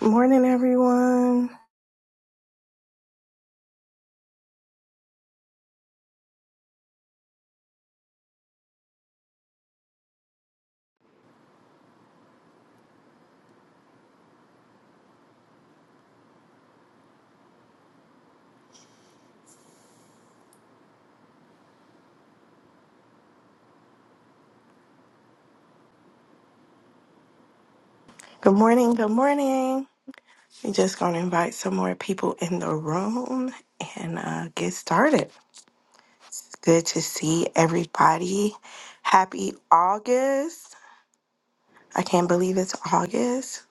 Morning, everyone. Good morning. Good morning. We're just going to invite some more people in the room and uh, get started. It's good to see everybody. Happy August. I can't believe it's August.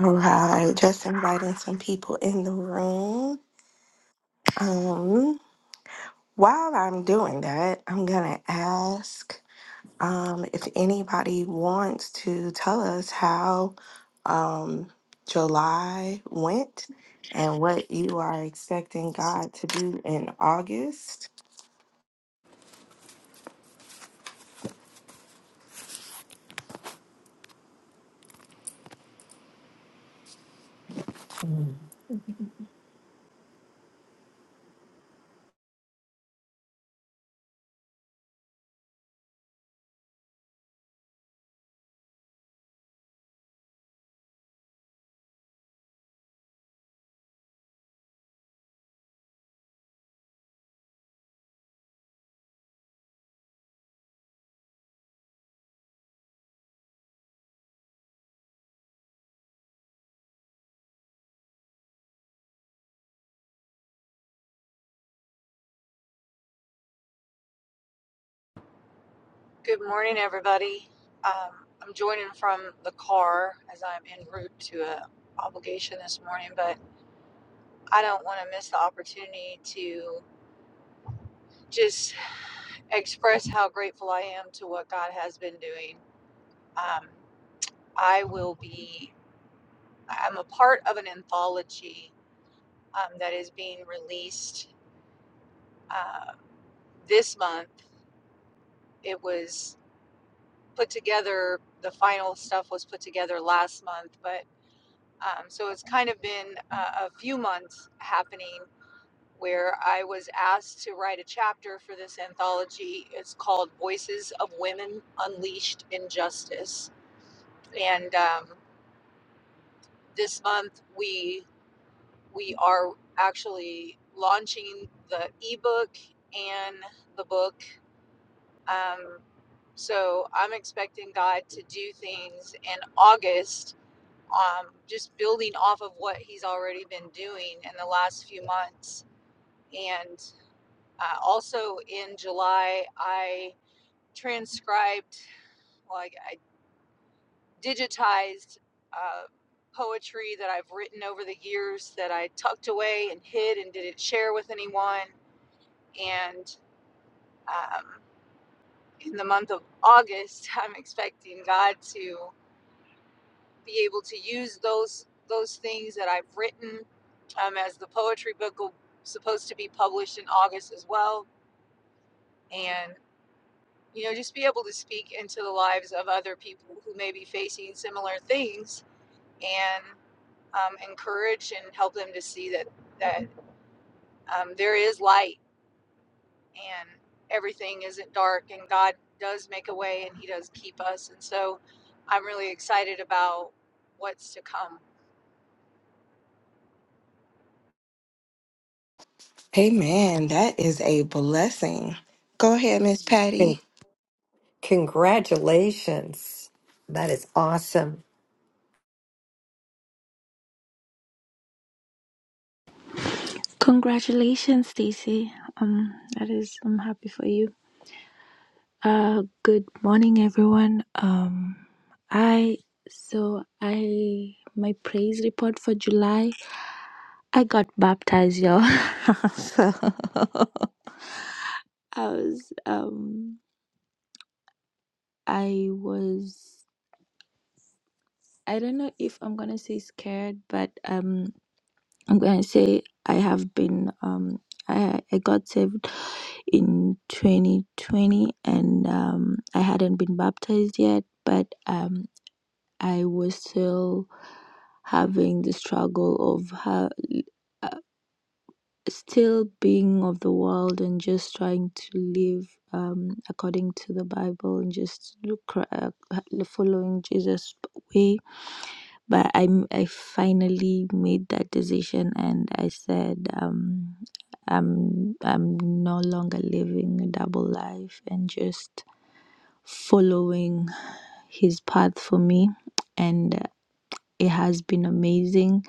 All right. Just inviting some people in the room. Um, while I'm doing that, I'm going to ask. Um, if anybody wants to tell us how um, July went and what you are expecting God to do in August, Good morning, everybody. Um, I'm joining from the car as I'm en route to a obligation this morning, but I don't want to miss the opportunity to just express how grateful I am to what God has been doing. Um, I will be. I'm a part of an anthology um, that is being released uh, this month. It was put together. The final stuff was put together last month, but Um, so it's kind of been uh, a few months happening where I was asked to write a chapter for this anthology. It's called Voices of Women Unleashed in Justice. And um, this month we we are actually launching the ebook and the book. Um, so I'm expecting God to do things in August um, just building off of what he's already been doing in the last few months. And uh, also in July, I transcribed, like I I digitized uh, poetry that I've written over the years that I tucked away and hid and didn't share with anyone. And um, in the month of August, I'm expecting God to. be able to use those those things that I've written um, as the poetry book will supposed to be published in August as well, and you know just be able to speak into the lives of other people who may be facing similar things and um, encourage and help them to see that that um, there is light and everything isn't dark and God does make a way and He does keep us, and so I'm really excited about what's to come. amen. That is a blessing. Go ahead, Miss Con- Patty. Congratulations. That is awesome. Congratulations, Stacy. Um, that is, I'm happy for you. Uh, good morning, everyone. Um, I so I my praise report for July. I got baptized, y'all. so I was um I was I don't know if I'm gonna say scared, but um. I'm gonna say I have been um I I got saved in 2020 and um I hadn't been baptized yet, but um I was still having the struggle of how, uh, still being of the world and just trying to live um according to the Bible and just look, uh, following Jesus' ways but I m- I finally made that decision and I said um I'm I'm no longer living a double life and just following his path for me and it has been amazing.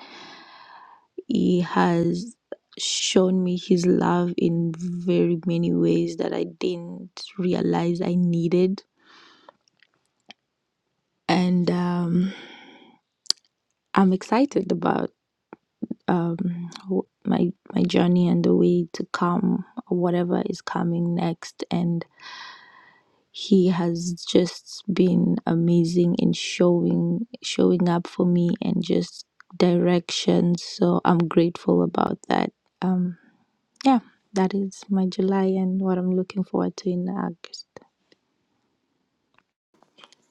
He has shown me his love in very many ways that I didn't realize I needed and um I'm excited about um wh- my my journey and the way to come whatever is coming next and he has just been amazing in showing showing up for me and just directions so i'm grateful about that um yeah that is my july and what i'm looking forward to in august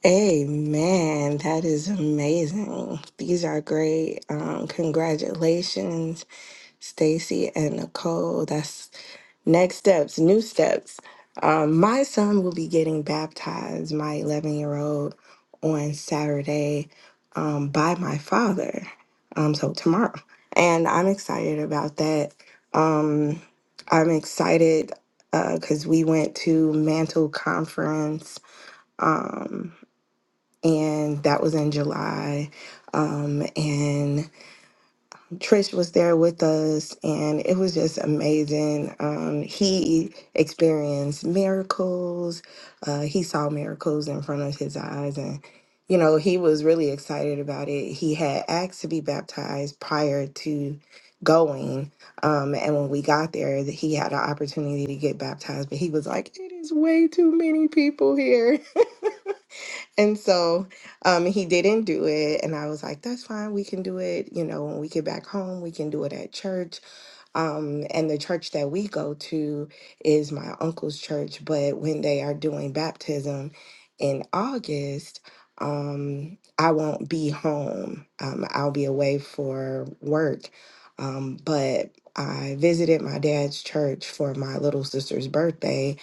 Amen. That is amazing. These are great. Um, congratulations, Stacy and Nicole. That's Next steps, new steps. Um, my son will be getting baptized, my 11 year old, on Saturday um, by my father. Um, so, tomorrow. And I'm excited about that. Um, I'm excited because we went to Mantle Conference, um, and that was in July. Um, and Trish was there with us, and it was just amazing. Um, he experienced miracles. Uh, he saw miracles in front of his eyes, and you know he was really excited about it. He had asked to be baptized prior to going, um, and when we got there, that he had an opportunity to get baptized, but he was like, "It is way too many people here." And so um, he didn't do it. And I was like, that's fine. We can do it. You know, when we get back home, we can do it at church um, and the church that we go to is my uncle's church, but when they are doing baptism in August, um, I won't be home. Um, I'll be away for work. Um, but I visited my dad's church for my little sister's birthday,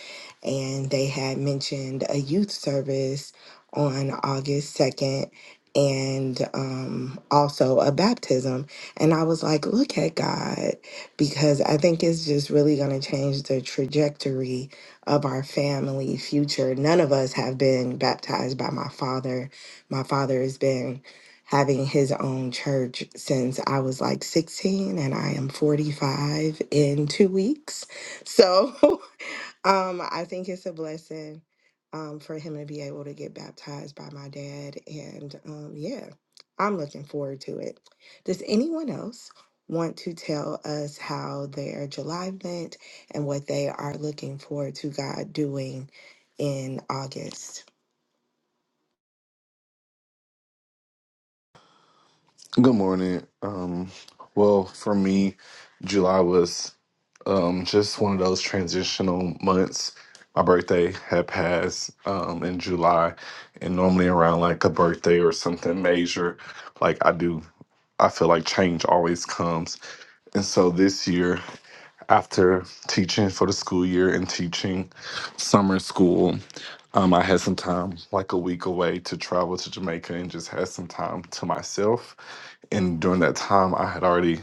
and they had mentioned a youth service on August 2nd and um, also a baptism. And I was like, look at God because I think it's just really going to change the trajectory of our family future. None of us have been baptized by my father. My father has been having his own church since I was like 16 and I am 45 in 2 weeks. So Um, I think it's a blessing um, for him to be able to get baptized by my dad. And um, yeah, I'm looking forward to it. Does anyone else want to tell us how their July went and what they are looking forward to God doing in August? Good morning. Um, well, for me, July was um, just one of those transitional months. My birthday had passed um, in July, and normally around like a birthday or something major, like I do, I feel like change always comes. And so this year, after teaching for the school year and teaching summer school, um, I had some time, like a week away, to travel to Jamaica and just had some time to myself. And during that time, I had already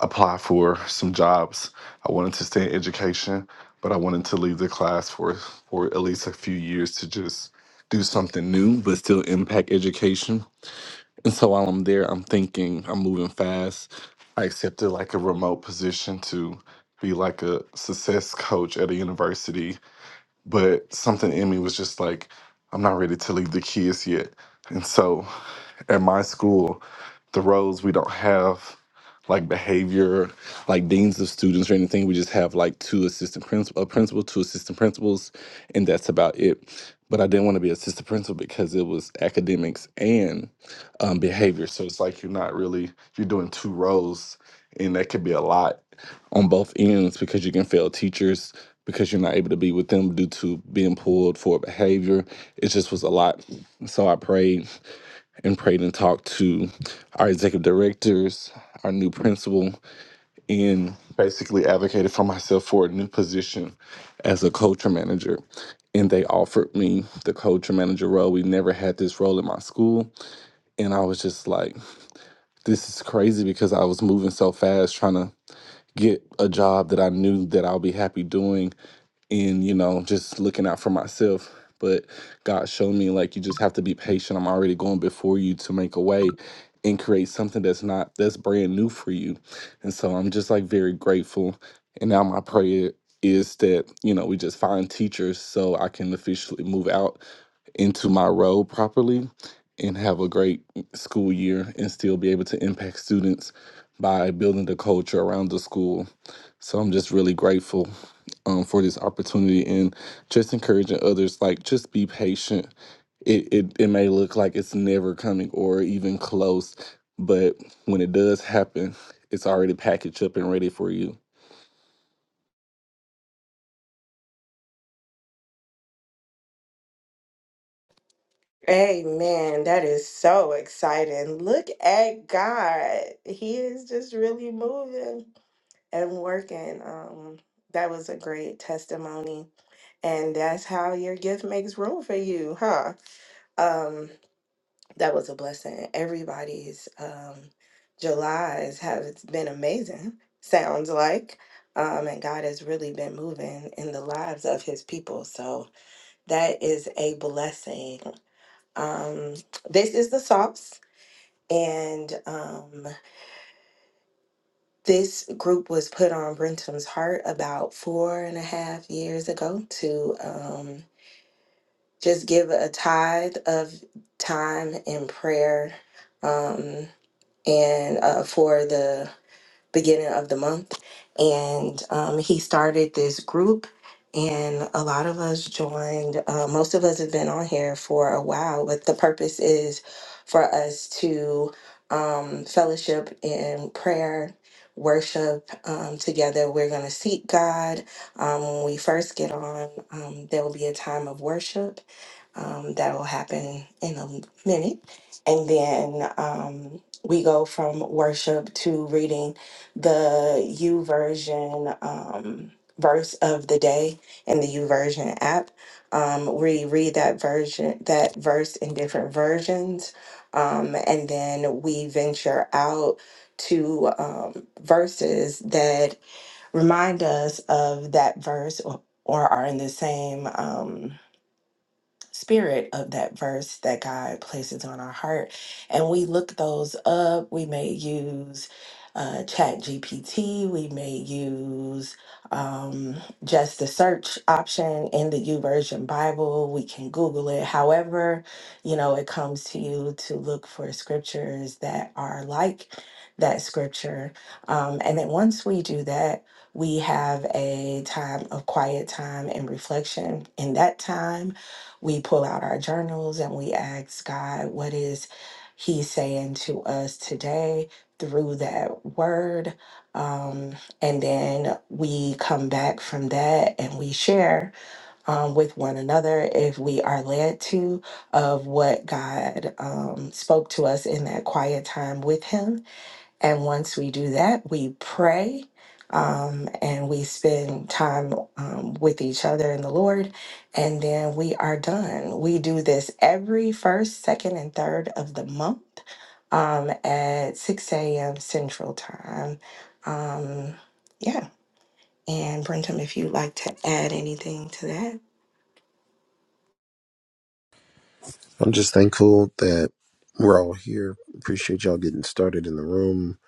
applied for some jobs. I wanted to stay in education, but I wanted to leave the class for for at least a few years to just do something new, but still impact education. And so while I'm there, I'm thinking I'm moving fast. I accepted like a remote position to be like a success coach at a university but something in me was just like, I'm not ready to leave the kids yet. And so at my school, the roles we don't have like behavior, like deans of students or anything. We just have like two assistant principal, a principal, two assistant principals, and that's about it. But I didn't want to be assistant principal because it was academics and um, behavior. So it's like you're not really you're doing two roles, and that could be a lot on both ends because you can fail teachers because you're not able to be with them due to being pulled for behavior. It just was a lot. So I prayed and prayed and talked to our executive directors, our new principal, and basically advocated for myself for a new position as a culture manager. And they offered me the culture manager role. We never had this role in my school. And I was just like, this is crazy because I was moving so fast trying to get a job that I knew that I'll be happy doing and you know just looking out for myself but God showed me like you just have to be patient I'm already going before you to make a way and create something that's not that's brand new for you and so I'm just like very grateful and now my prayer is that you know we just find teachers so I can officially move out into my role properly and have a great school year and still be able to impact students by building the culture around the school. So I'm just really grateful um, for this opportunity and just encouraging others like just be patient. It, it it may look like it's never coming or even close, but when it does happen, it's already packaged up and ready for you. Amen. That is so exciting. Look at God. He is just really moving and working. Um, that was a great testimony. and that's how your gift makes room for you huh um that was a blessing everybody's um july's have been amazing sounds like um and god has really been moving in the lives of his people so that is a blessing um this is the sauce and um this group was put on brentum's heart about four and a half years ago to Um, just give a tithe of time in prayer um, and uh, for the beginning of the month. And um, he started this group, and a lot of us joined. Uh, most of us have been on here for a while, but the purpose is for us to um, fellowship in prayer. Worship um, together. We're going to seek God. Um, when we first get on, um, there will be a time of worship um, that will happen in a minute. And then um, we go from worship to reading the U version um, verse of the day in the U version app. Um, we read that version, that verse in different versions. Um, and then we venture out to um, verses that remind us of that verse or, or are in the same. Um, spirit of that verse that God places on our heart. And we look those up. We may use uh, Chat GPT, we may use um, just the search option in the YouVersion Bible. We can Google it. However, you know, it comes to you to look for scriptures that are like that scripture. Um, and then once we do that, we have a time of quiet time and reflection. In that time, we pull out our journals and we ask God, what is He saying to us today through that word? Um, and then we come back from that and we share um, with one another if we are led to of what God um, spoke to us in that quiet time with Him and once we do that, we pray um, and we spend time um, with each other and the Lord. And then we are done. We do this every first, second, and third of the month um, at 6 a.m. Central Time. Um, yeah. And Brentum, if you'd like to add anything to that, I'm just thankful that we're all here. Appreciate y'all getting started in the room.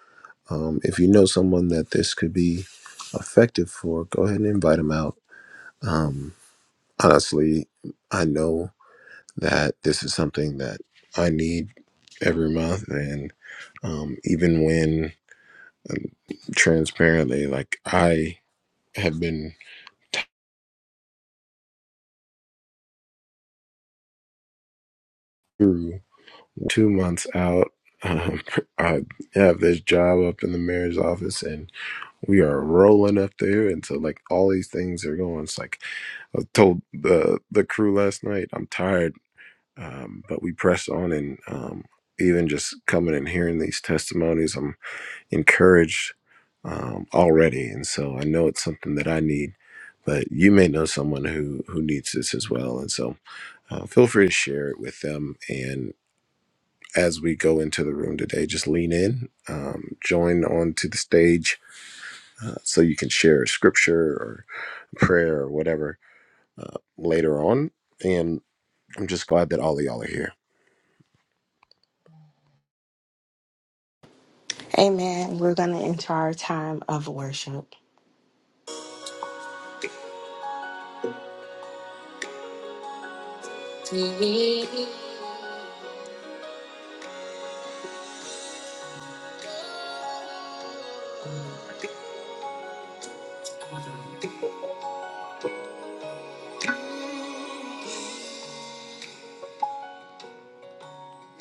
Um, if you know someone that this could be effective for, go ahead and invite them out. Um, honestly, I know that this is something that I need every month. And um, even when um, transparently, like I have been through two months out, um, I have this job up in the mayor's office and we are rolling up there and so like all these things are going it's like i told the the crew last night i'm tired um, but we press on and um, even just coming and hearing these testimonies i'm encouraged um, already and so i know it's something that i need but you may know someone who who needs this as well and so uh, feel free to share it with them and as we go into the room today just lean in um, join onto the stage uh, so you can share a scripture prayer or whatever uh, later on. And I'm just glad that all of y'all are here. amen. We're going to enter our time of worship.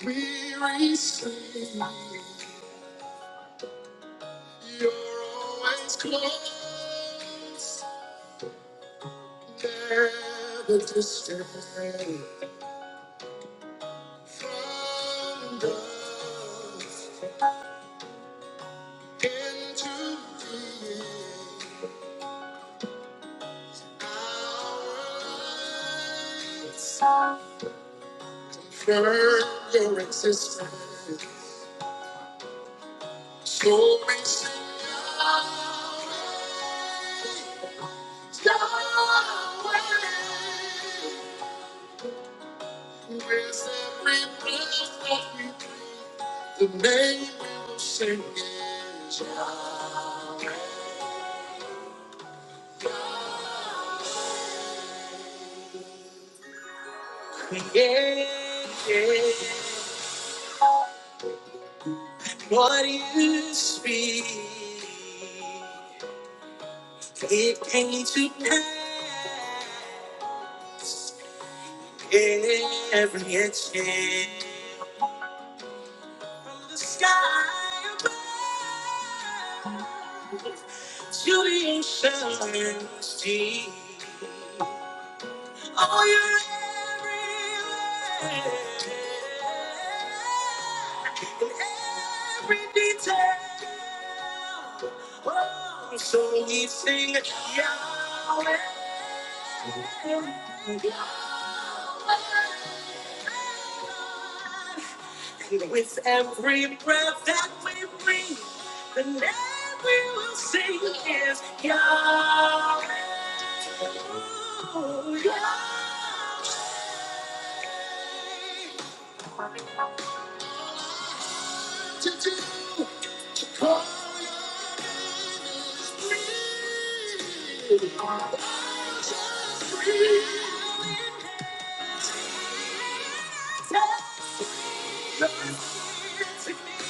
weary sleep. You're always close, never distant. From birth into being, our lives confirm your existence. So we sing Yahweh, Yahweh. With every breath that we breathe, the name we will sing is Yahweh. Yeah, yeah. What you speak, it came to pass. Every inch from the sky above to the oceans deep. Oh, you're everywhere. In every detail. Oh, so we sing Yahweh. Yahweh. With every breath that we breathe, the name we will sing is Yahweh. to do. for you is breathe. Just breathe. just breathe.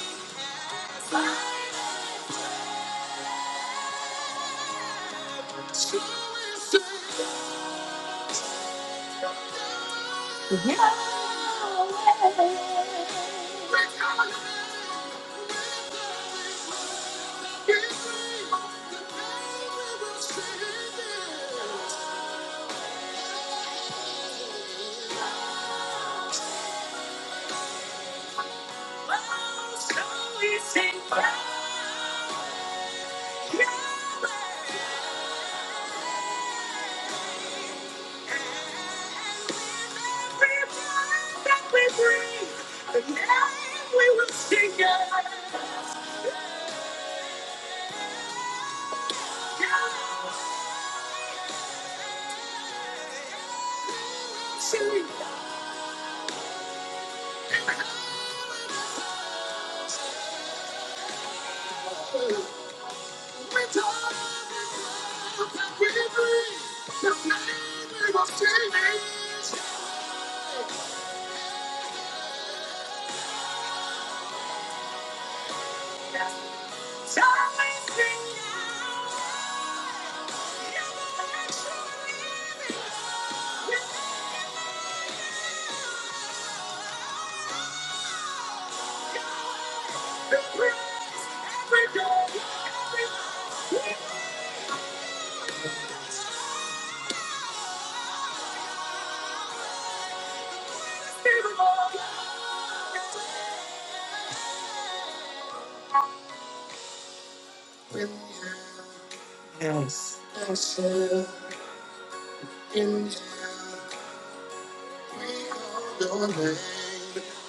Yes. I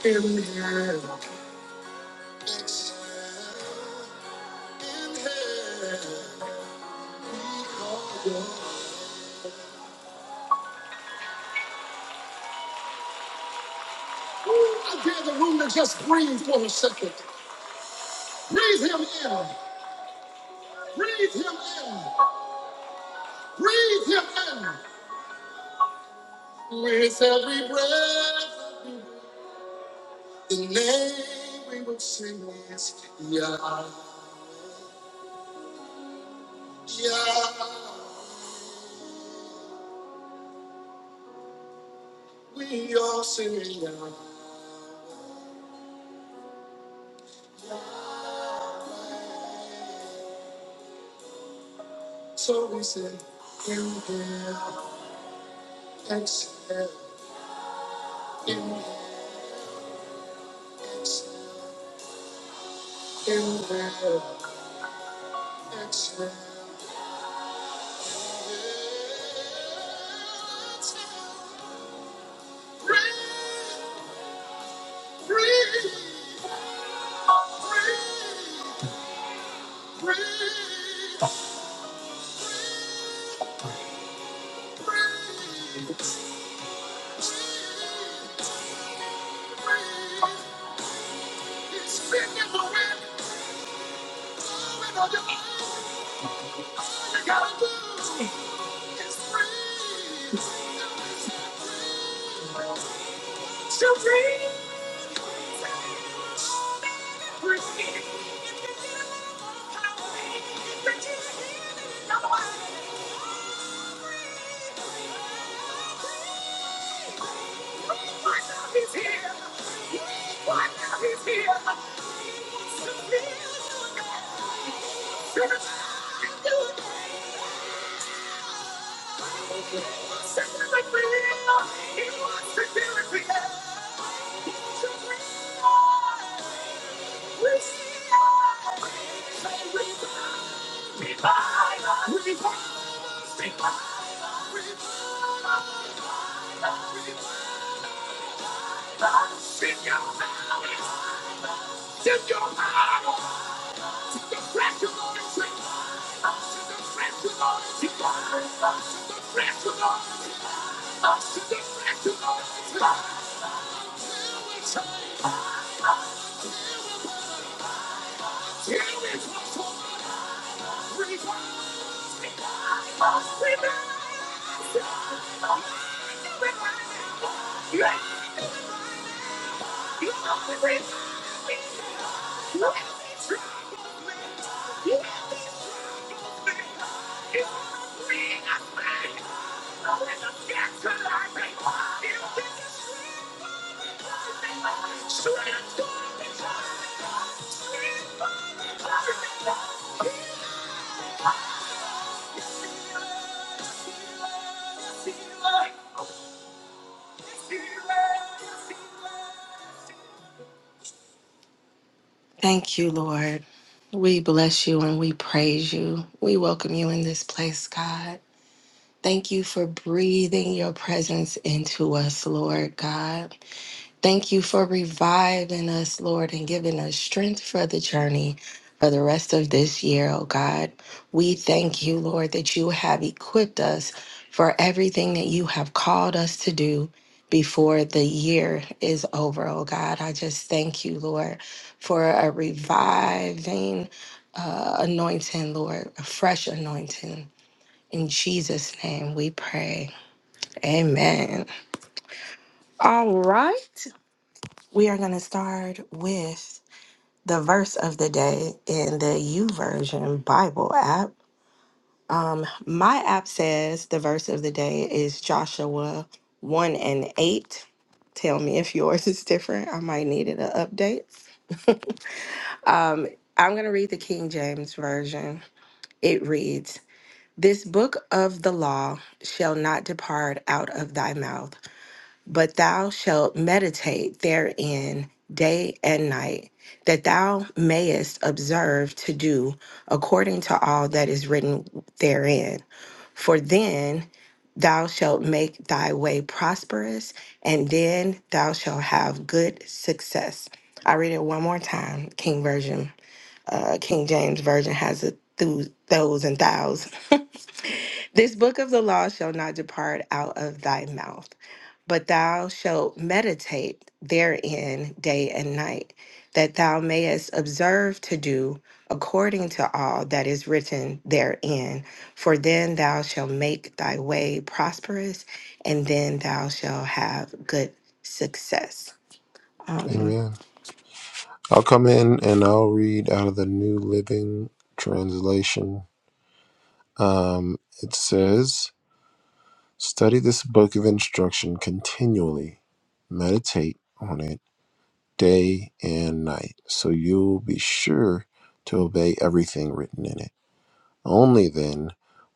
dare the room to just breathe for a second. Breathe him in. Breathe him in. Breathe him in. With every breath, the name we will sing is Yah. Yah. We all sing Yah. So we sing Yah. Exhale. Exhale. Exhale. So dream. Thank you. Thank you, Lord. We bless you and we praise you. We welcome you in this place, God. Thank you for breathing your presence into us, Lord God. Thank you for reviving us, Lord, and giving us strength for the journey for the rest of this year, oh God. We thank you, Lord, that you have equipped us for everything that you have called us to do before the year is over, oh God. I just thank you, Lord, for a reviving uh, anointing, Lord, a fresh anointing. In Jesus' name we pray. Amen. All right. We are going to start with the verse of the day in the U Version Bible app. Um, my app says the verse of the day is Joshua 1 and 8. Tell me if yours is different. I might need an update. Um, I'm going to read the King James Version. It reads, This book of the law shall not depart out of thy mouth But thou shalt meditate therein day and night, that thou mayest observe to do according to all that is written therein. For then thou shalt make thy way prosperous, and then thou shalt have good success. I read it one more time. King Version, uh, King James Version has it through those and thous. This book of the law shall not depart out of thy mouth, but thou shalt meditate therein day and night, that thou mayest observe to do according to all that is written therein. For then thou shalt make thy way prosperous, and then thou shalt have good success. Um, Amen. I'll come in and I'll read out of the New Living Translation. Um, it says, Study this book of instruction continually, meditate on it day and night, so you'll be sure to obey everything written in it. Only then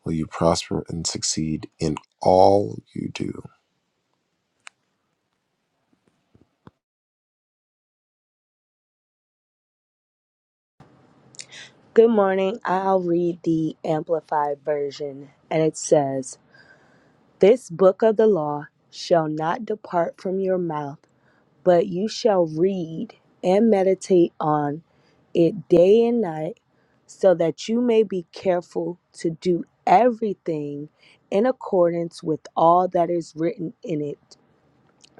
will you prosper and succeed in all you do. Good morning. I'll read the Amplified Version, and it says, This book of the law shall not depart from your mouth, but you shall read and meditate on it day and night, so that you may be careful to do everything in accordance with all that is written in it.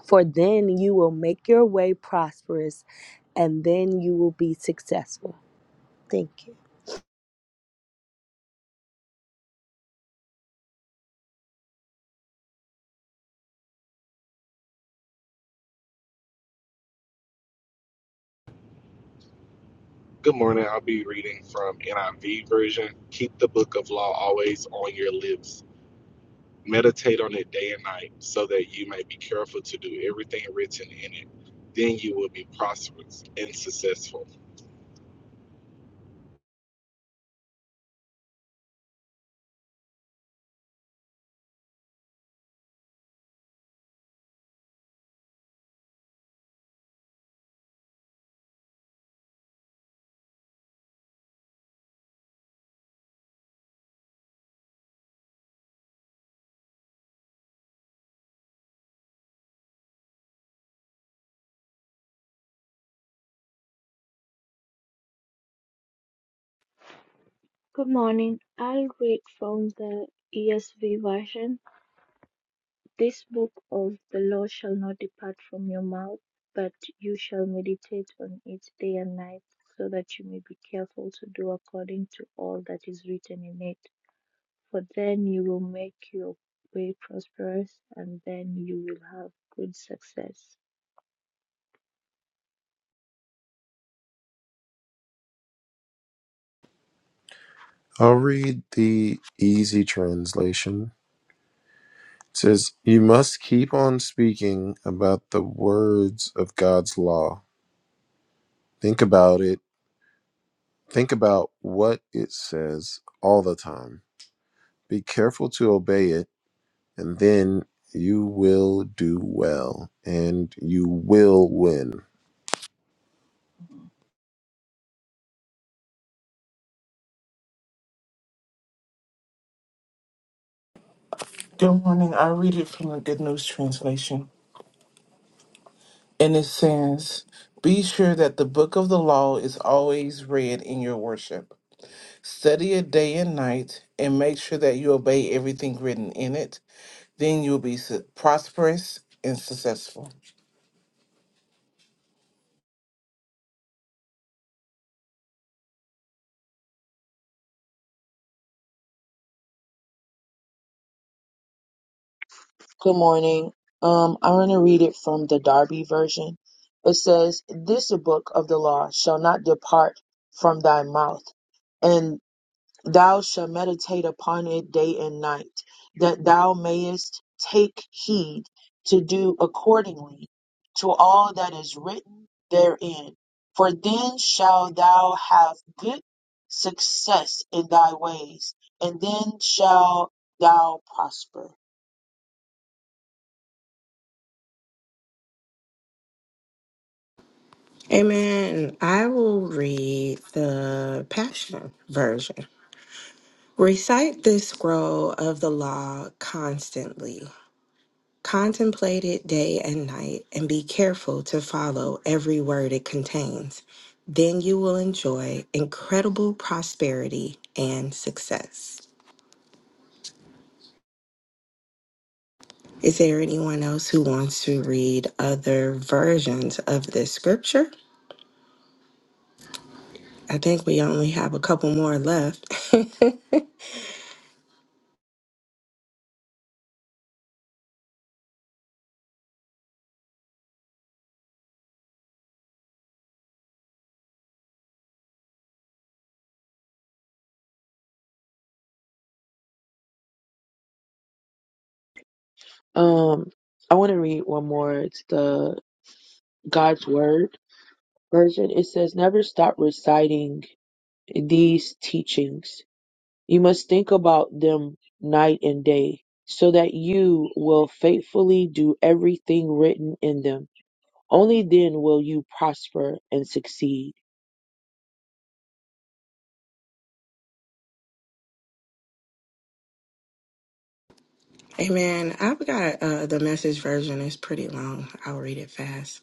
For then you will make your way prosperous, and then you will be successful. Thank you. Good morning. I'll be reading from NIV version. Keep the book of law always on your lips. Meditate on it day and night, so that you may be careful to do everything written in it. Then you will be prosperous and successful. Good morning. I'll read from the ESV version. This book of the law shall not depart from your mouth, but you shall meditate on it day and night, so that you may be careful to do according to all that is written in it. For then you will make your way prosperous, and then you will have good success. I'll read the easy translation. It says, You must keep on speaking about the words of God's law. Think about it. Think about what it says all the time. Be careful to obey it, and then you will do well and you will win. Good morning. I read it from the Good News Translation. And it says, Be sure that the book of the law is always read in your worship. Study it day and night, and make sure that you obey everything written in it. Then you'll be su- prosperous and successful. Good morning. Um, I'm going to read it from the Darby version. It says, This book of the law shall not depart from thy mouth, and thou shalt meditate upon it day and night, that thou mayest take heed to do accordingly to all that is written therein. For then shall thou have good success in thy ways, and then shall thou prosper. amen. I will read the Passion Version. Recite this scroll of the law constantly. Contemplate it day and night, and be careful to follow every word it contains. Then you will enjoy incredible prosperity and success. Is there anyone else who wants to read other versions of this scripture? I think we only have a couple more left. Um, I want to read one more. It's the God's Word version. It says, Never stop reciting these teachings. You must think about them night and day so that you will faithfully do everything written in them. Only then will you prosper and succeed. Hey man, I've got uh, the message version. It's pretty long. I'll read it fast.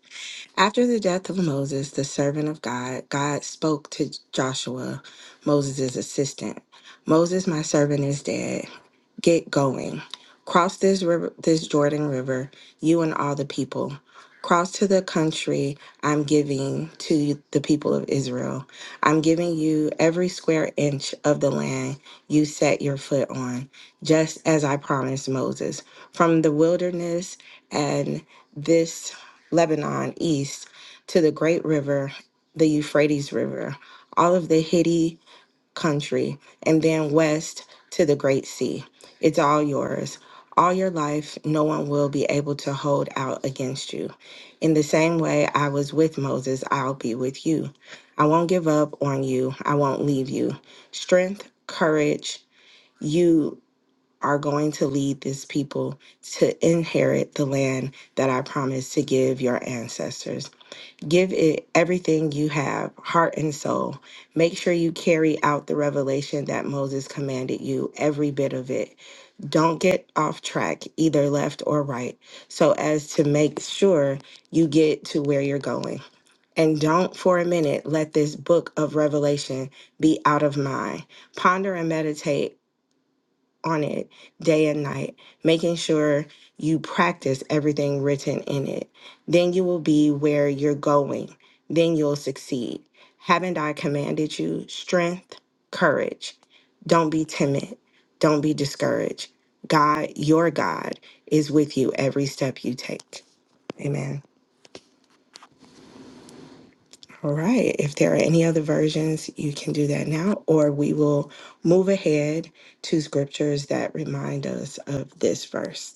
After the death of Moses, the servant of God, God spoke to Joshua, Moses' assistant. Moses, my servant, is dead. Get going. Cross this river, this Jordan River, you and all the people. Cross to the country I'm giving to the people of Israel. I'm giving you every square inch of the land you set your foot on, just as I promised Moses. From the wilderness and this Lebanon east to the great river, the Euphrates River, all of the Hittite country, and then west to the great sea. It's all yours. All your life, no one will be able to hold out against you. In the same way I was with Moses, I'll be with you. I won't give up on you, I won't leave you. Strength, courage, you are going to lead this people to inherit the land that I promised to give your ancestors. Give it everything you have, heart and soul. Make sure you carry out the revelation that Moses commanded you, every bit of it. Don't get off track, either left or right, so as to make sure you get to where you're going. And don't for a minute let this book of Revelation be out of mind. Ponder and meditate on it day and night, making sure you practice everything written in it. Then you will be where you're going. Then you'll succeed. Haven't I commanded you strength, courage? Don't be timid. Don't be discouraged. God, your God, is with you every step you take. Amen. All right. If there are any other versions, you can do that now, or we will move ahead to scriptures that remind us of this verse.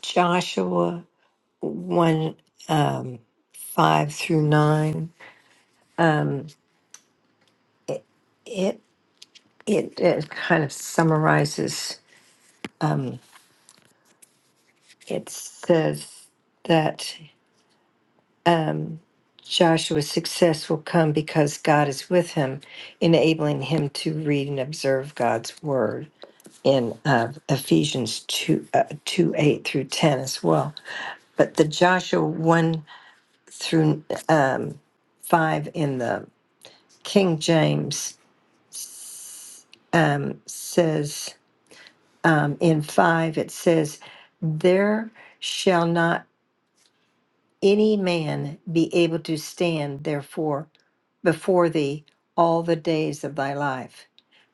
Joshua 1 um, 5 through 9. It, it, it, it kind of summarizes, um, it says that um, Joshua's success will come because God is with him, enabling him to read and observe God's word in uh, Ephesians 2, uh, 2 8 through 10 as well. But the Joshua 1 through um, 5 in the King James um, says, um, in 5, it says, There shall not any man be able to stand, therefore, before thee all the days of thy life.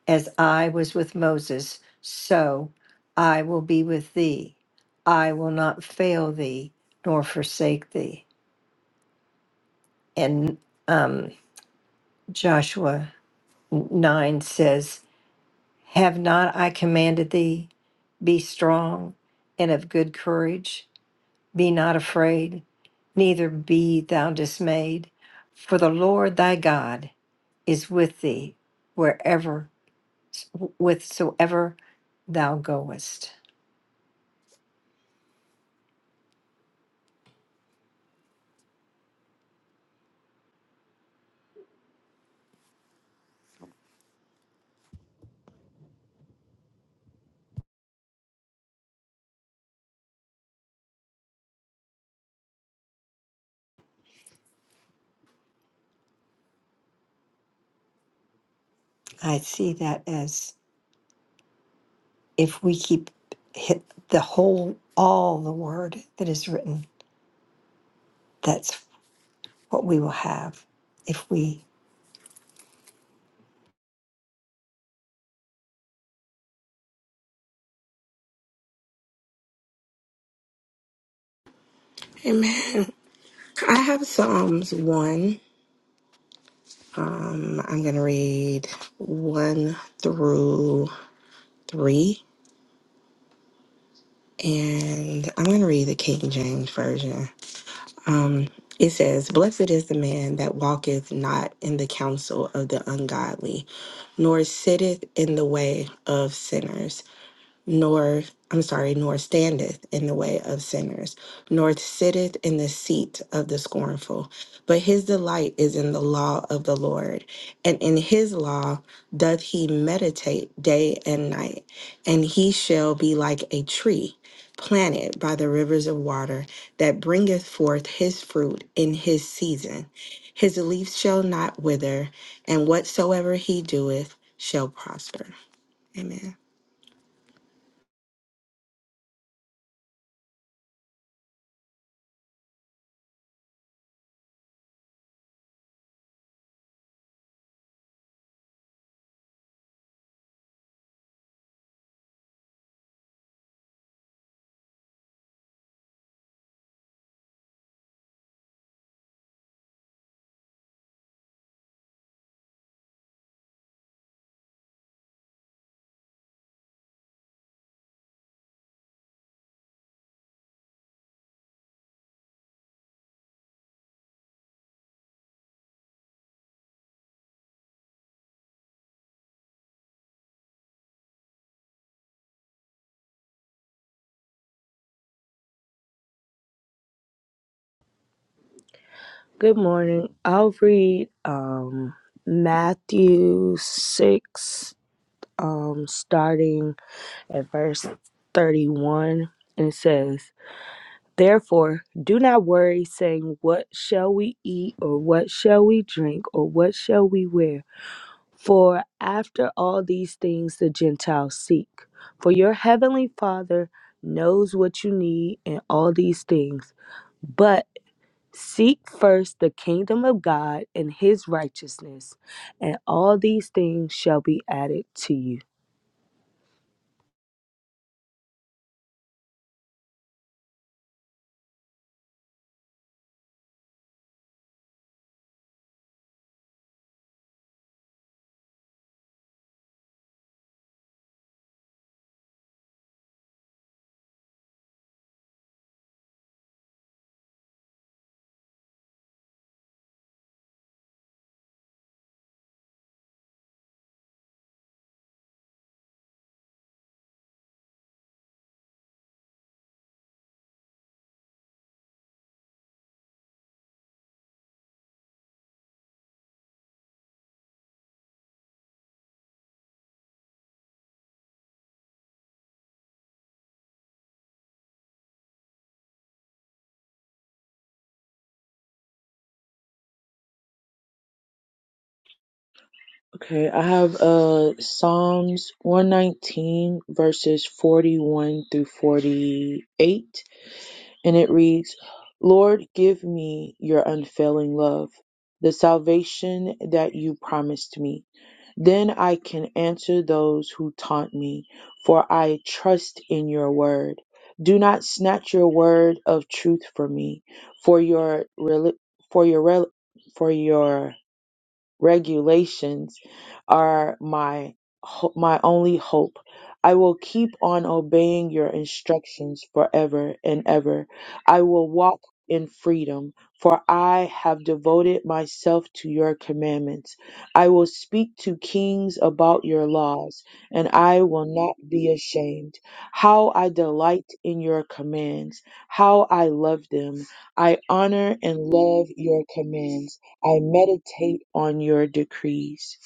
As I was with Moses, so I will be with thee. I will not fail thee nor forsake thee. And um, Joshua 9 says, Have not I commanded thee? Be strong and of good courage. Be not afraid, neither be thou dismayed. For the Lord thy God is with thee wherever, whithersoever thou goest. I see that as if we keep hit the whole, all the word that is written, that's what we will have. If we, Amen. I have Psalms 1. Um, I'm going to read 1 through 3, and I'm going to read the King James Version. Um, it says, Blessed is the man that walketh not in the counsel of the ungodly, nor sitteth in the way of sinners nor I'm sorry, nor standeth in the way of sinners, nor sitteth in the seat of the scornful. But his delight is in the law of the Lord, and in his law doth he meditate day and night. And he shall be like a tree planted by the rivers of water that bringeth forth his fruit in his season. His leaf shall not wither, and whatsoever he doeth shall prosper. Amen. Good morning. I'll read um, Matthew 6, um, starting at verse 31. And it says, Therefore, do not worry, saying, 'What shall we eat, or 'What shall we drink, or 'What shall we wear? For after all these things the Gentiles seek. For your heavenly Father knows what you need in all these things. But Seek first the kingdom of God and his righteousness, and all these things shall be added to you. Okay, I have uh Psalms 119 verses 41 through 48. and it reads, Lord, give me your unfailing love, the salvation that you promised me. Then I can answer those who taunt me, for I trust in your word. Do not snatch your word of truth from me, for your rel- for your rel- for your regulations are my ho- my only hope. I will keep on obeying your instructions forever and ever. I will walk in freedom, for I have devoted myself to your commandments. I will speak to kings about your laws, and I will not be ashamed. How I delight in your commands, how I love them. I honor and love your commands. I meditate on your decrees.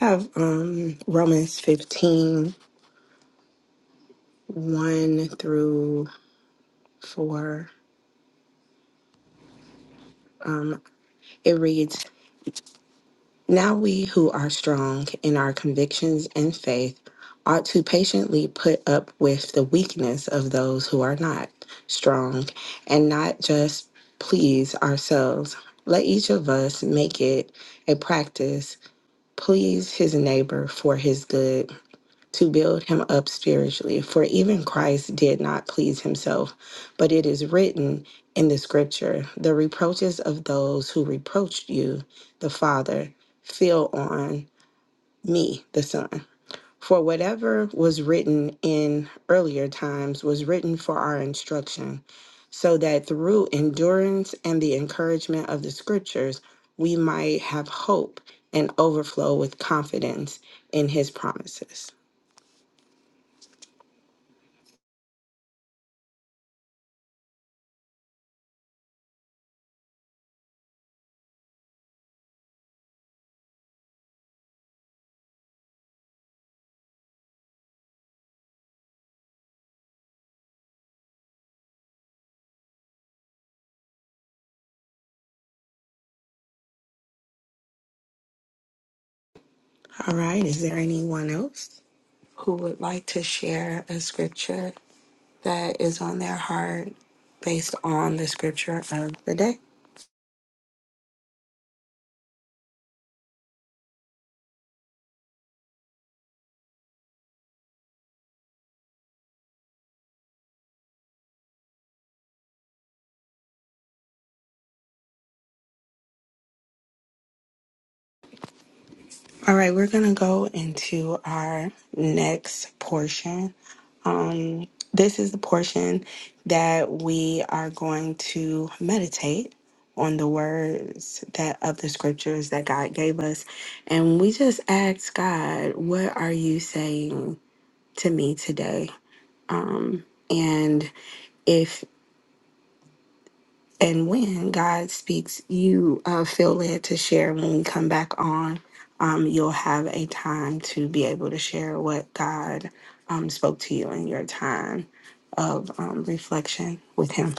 I have um, Romans fifteen one through 4. Um, it reads, Now we who are strong in our convictions and faith ought to patiently put up with the weakness of those who are not strong and not just please ourselves. Let each of us make it a practice, please his neighbor for his good to build him up spiritually. For even Christ did not please himself, but it is written in the scripture the reproaches of those who reproached you, the Father, fell on me, the Son. For whatever was written in earlier times was written for our instruction, so that through endurance and the encouragement of the scriptures, we might have hope and overflow with confidence in his promises. All right, is there anyone else who would like to share a scripture that is on their heart based on the scripture of the day? All right, we're going to go into our next portion. Um, this is the portion that we are going to meditate on the words that of the scriptures that God gave us. And we just ask God, what are you saying to me today? And if and when God speaks, you uh, feel led to share when we come back on. Um, you'll have a time to be able to share what God um, spoke to you in your time of um, reflection with Him.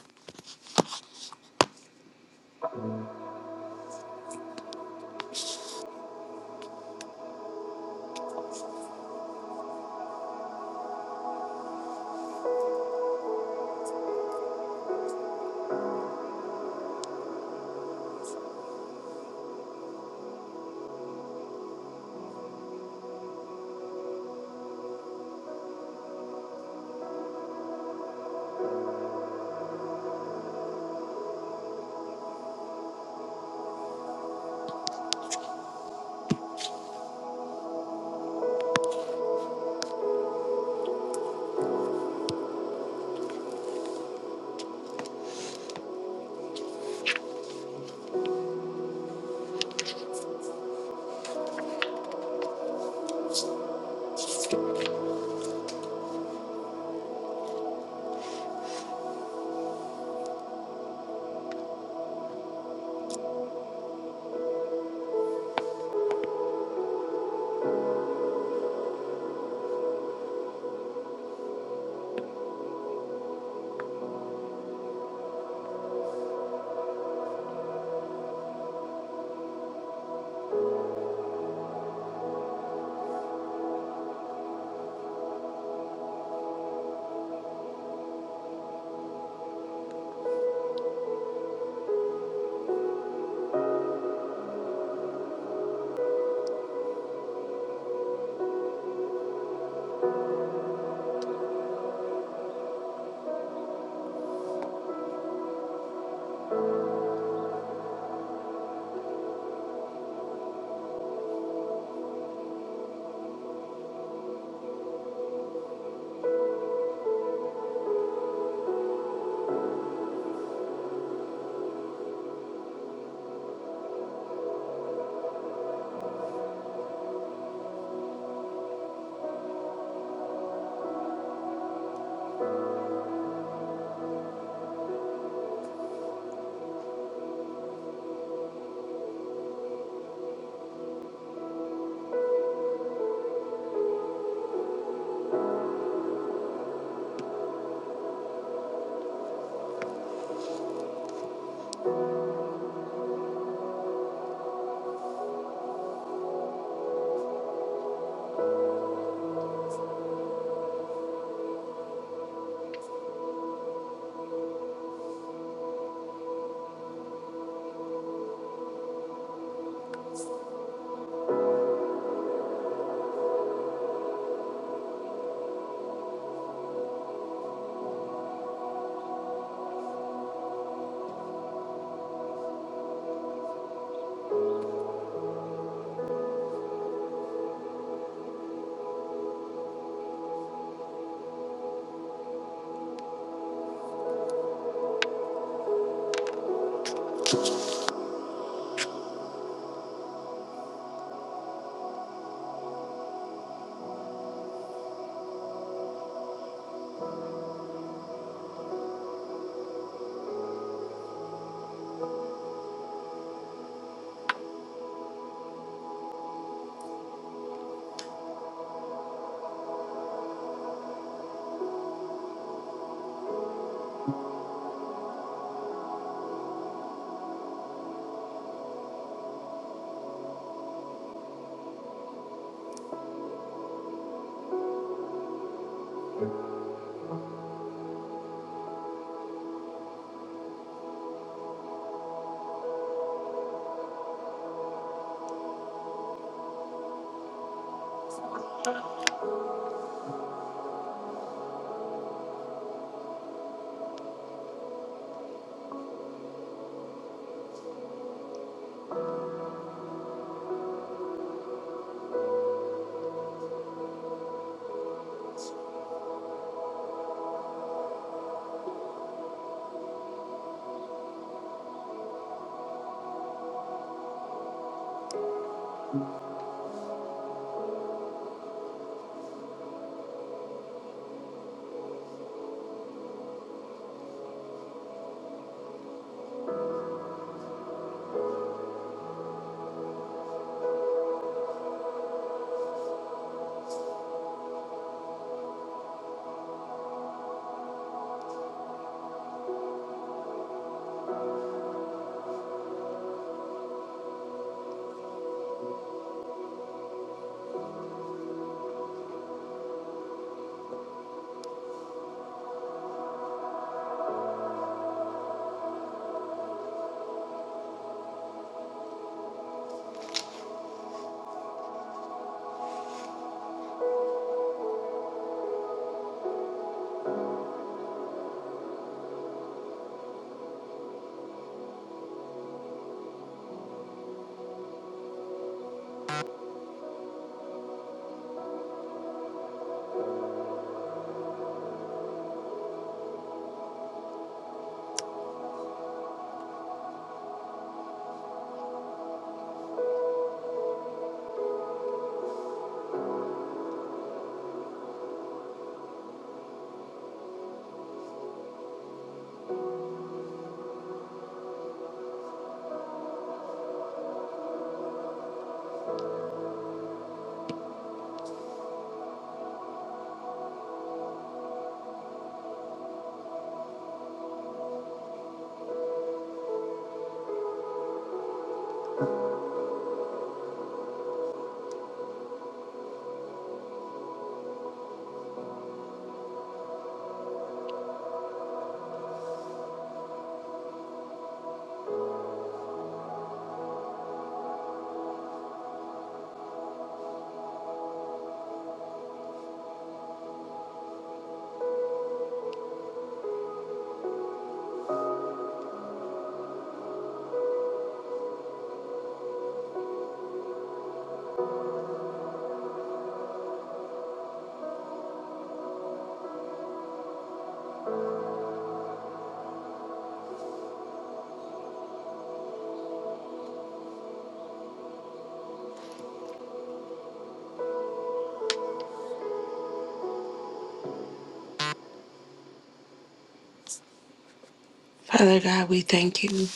Father God, we thank you.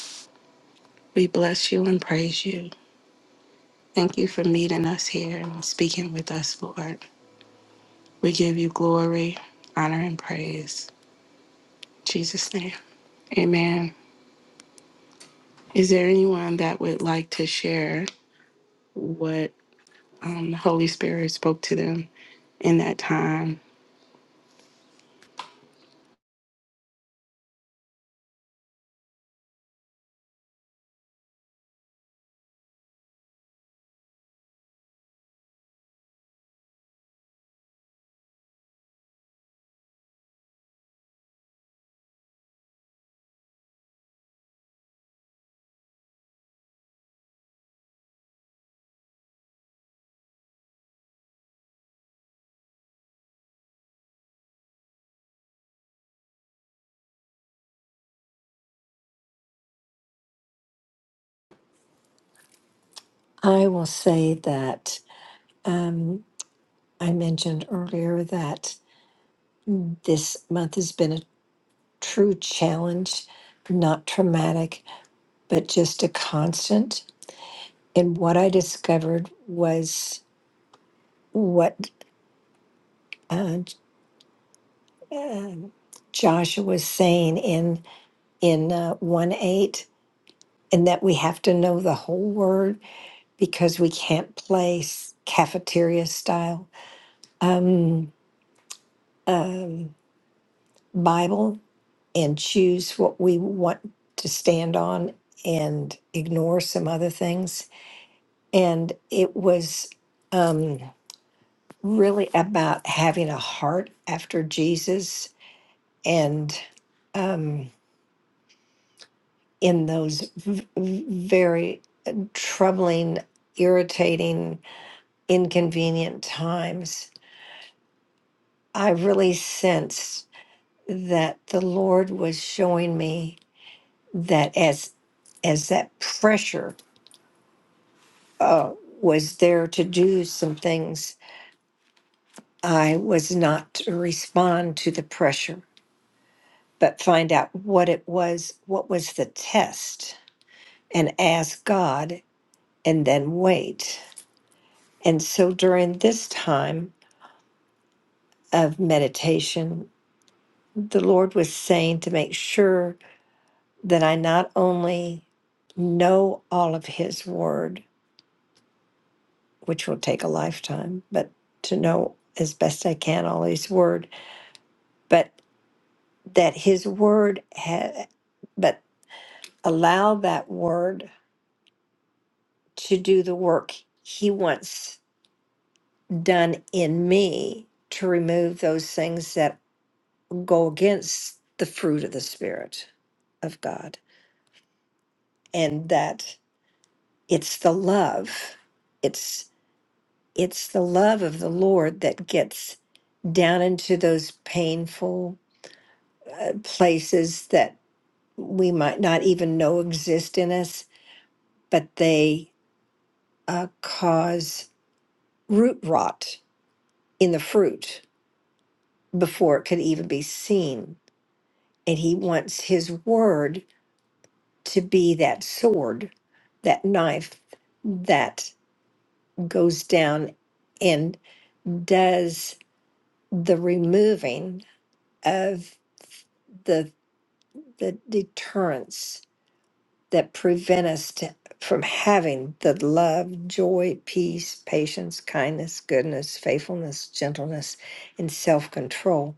We bless you and praise you. Thank you for meeting us here and speaking with us, Lord. We give you glory, honor, and praise. In Jesus' name. Amen. Is there anyone that would like to share what um, the Holy Spirit spoke to them in that time? I will say that Um, I mentioned earlier that this month has been a true challenge, not traumatic, but just a constant. And what I discovered was what uh, uh, Joshua was saying in in uh, one eight, and that we have to know the whole word because we can't play s- cafeteria style um, um, Bible and choose what we want to stand on and ignore some other things. And it was um, really about having a heart after Jesus and um, in those v- v- very troubling, irritating, inconvenient times, I really sensed that the Lord was showing me that as as that pressure uh, was there to do some things, I was not to respond to the pressure, but find out what it was, what was the test, and ask God, and then wait. And so during this time of meditation, the Lord was saying to make sure that I not only know all of His Word, which will take a lifetime, but to know as best I can all His Word, but. that his word ha- but allow that word to do the work he wants done in me to remove those things that go against the fruit of the spirit of god and that it's the love it's it's the love of the lord that gets down into those painful uh, places that we might not even know exist in us but they uh, cause root rot in the fruit before it could even be seen. And he wants his word to be that sword, that knife that goes down and does the removing of the, the deterrence that prevent us to, from having the love, joy, peace, patience, kindness, goodness, faithfulness, gentleness, and self control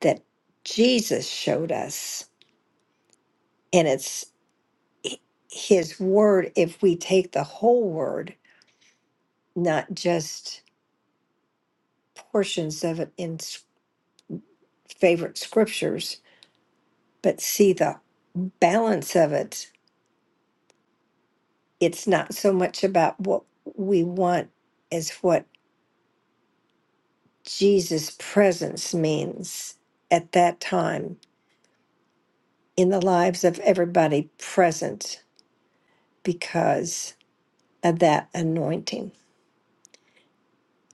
that Jesus showed us. And it's h- his word if we take the whole word, not just portions of it in s- favorite scriptures, but see the balance of it. It's not so much about what we want as what Jesus' presence means at that time in the lives of everybody present because of that anointing.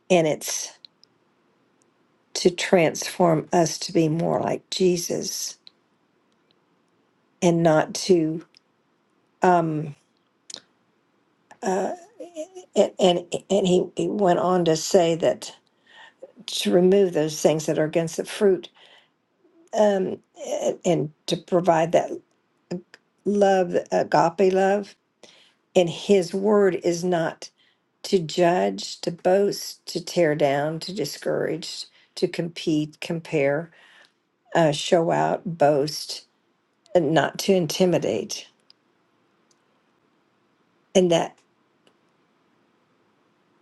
And it's to transform us to be more like Jesus and not to um uh and and, and he, he went on to say that to remove those things that are against the fruit um a- and to provide that love agape love and his word is not to judge to boast to tear down to discourage to compete compare uh, show out boast and not to intimidate and that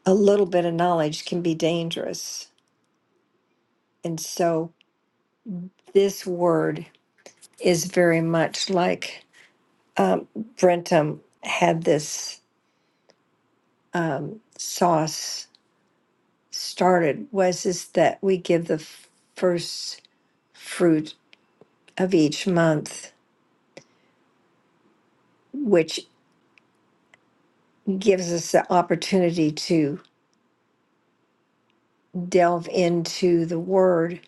a little bit of knowledge can be dangerous. And so this word is very much like um, Brentum had this um, sauce started was is that we give the f- first fruit of each month, which gives us the opportunity to delve into the word,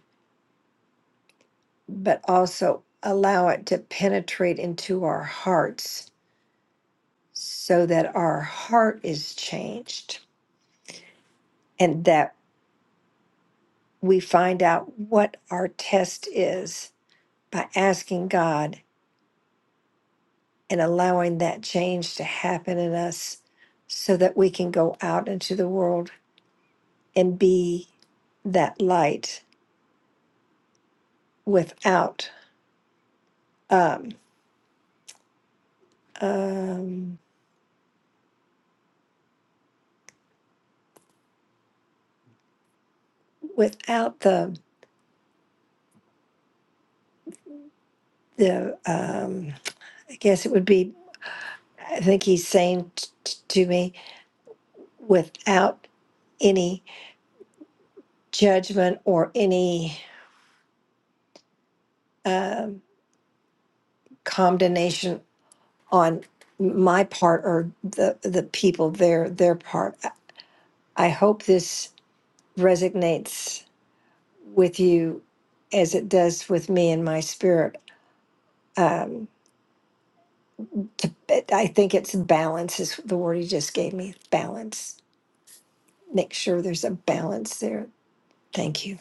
but also allow it to penetrate into our hearts so that our heart is changed and that we find out what our test is by asking God and allowing that change to happen in us so that we can go out into the world and be that light without um, um, without the the um, I guess it would be I think he's saying t- t- to me without any judgment or any um, condemnation on my part or the the people their their part. I I hope this resonates with you as it does with me and my spirit. Um, to, I think it's balance is the word you just gave me. Balance. Make sure there's a balance there. Thank you.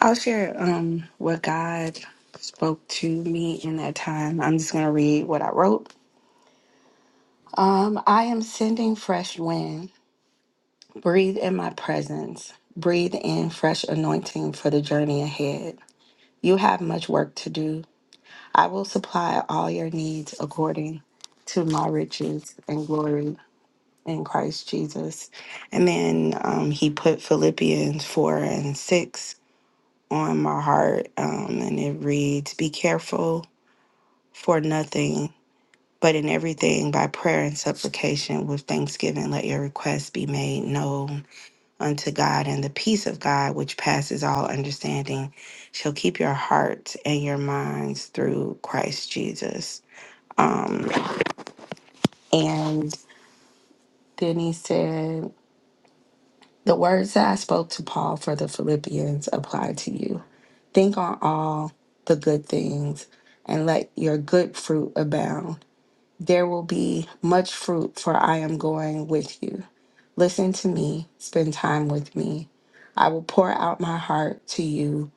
I'll share um, what God spoke to me in that time. I'm just going to read what I wrote. Um, I am sending fresh wind. Breathe in my presence. Breathe in fresh anointing for the journey ahead. You have much work to do. I will supply all your needs according to my riches and glory in Christ Jesus. And then um, he put Philippians 4 and 6 on my heart, um, and it reads Be careful for nothing, but in everything by prayer and supplication with thanksgiving, let your requests be made known unto God, and the peace of God, which passes all understanding, shall keep your hearts and your minds through Christ Jesus. And then he said, The words that I spoke to Paul for the Philippians apply to you. Think on all the good things and let your good fruit abound. There will be much fruit, for I am going with you. Listen to me, spend time with me. I will pour out my heart to you.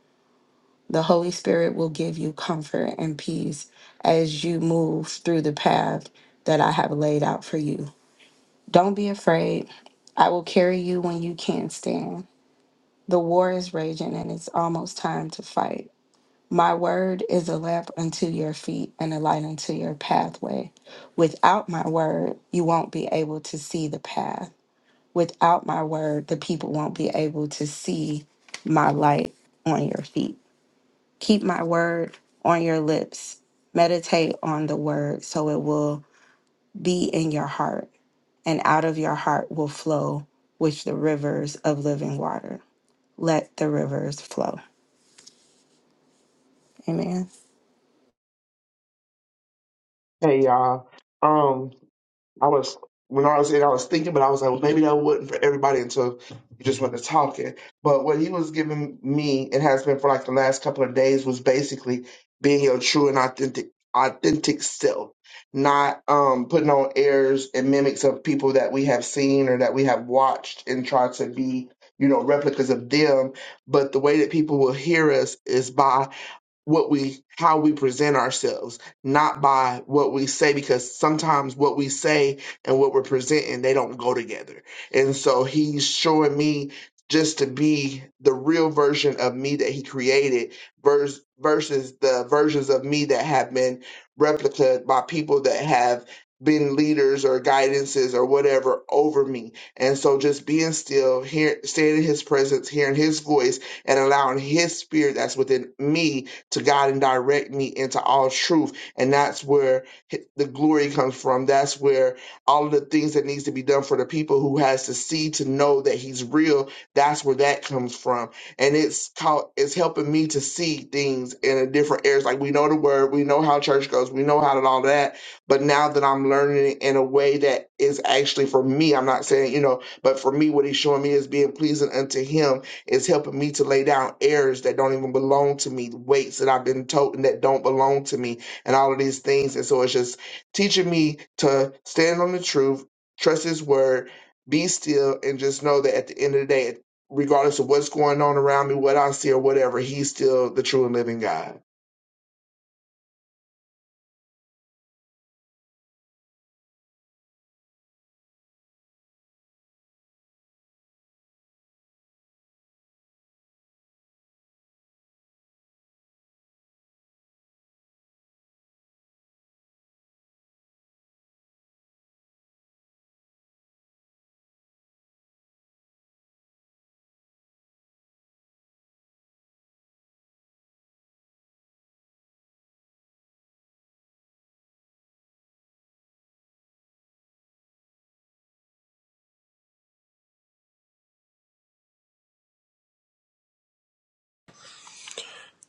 The Holy Spirit will give you comfort and peace as you move through the path that I have laid out for you. Don't be afraid. I will carry you when you can't stand. The war is raging and it's almost time to fight. My word is a lamp unto your feet and a light unto your pathway. Without my word, you won't be able to see the path. Without my word, the people won't be able to see my light on your feet. Keep my word on your lips. Meditate on the word so it will be in your heart, and out of your heart will flow with the rivers of living water. Let the rivers flow. Amen. Hey y'all. Um, I was when I was in, I was thinking, but I was like, well, maybe that wasn't for everybody until you just went to talking. But what he was giving me and has been for like the last couple of days was basically being your true and authentic authentic self, not um putting on airs and mimics of people that we have seen or that we have watched and try to be you know replicas of them. But the way that people will hear us is by what we how we present ourselves not by what we say because sometimes what we say and what we're presenting they don't go together and so he's showing me just to be the real version of me that he created vers- versus the versions of me that have been replicated by people that have been leaders or guidances or whatever over me and so just being still here staying in his presence hearing his voice and allowing his spirit that's within me to God and direct me into all truth. And that's where the glory comes from. That's where all of the things that needs to be done for the people who has to see to know that he's real. That's where that comes from. And it's called, it's helping me to see things in a different areas. Like we know the word, we know how church goes, we know how to all that. But now that I'm learning it in a way that is actually for me, I'm not saying, you know, but for me, what he's showing me is being pleasing unto him it's helping me to lay down errors that don't even belong to me, weights that I've been told and that don't belong to me, and all of these things. And so it's just teaching me to stand on the truth, trust His word, be still, and just know that at the end of the day, regardless of what's going on around me, what I see, or whatever, He's still the true and living God.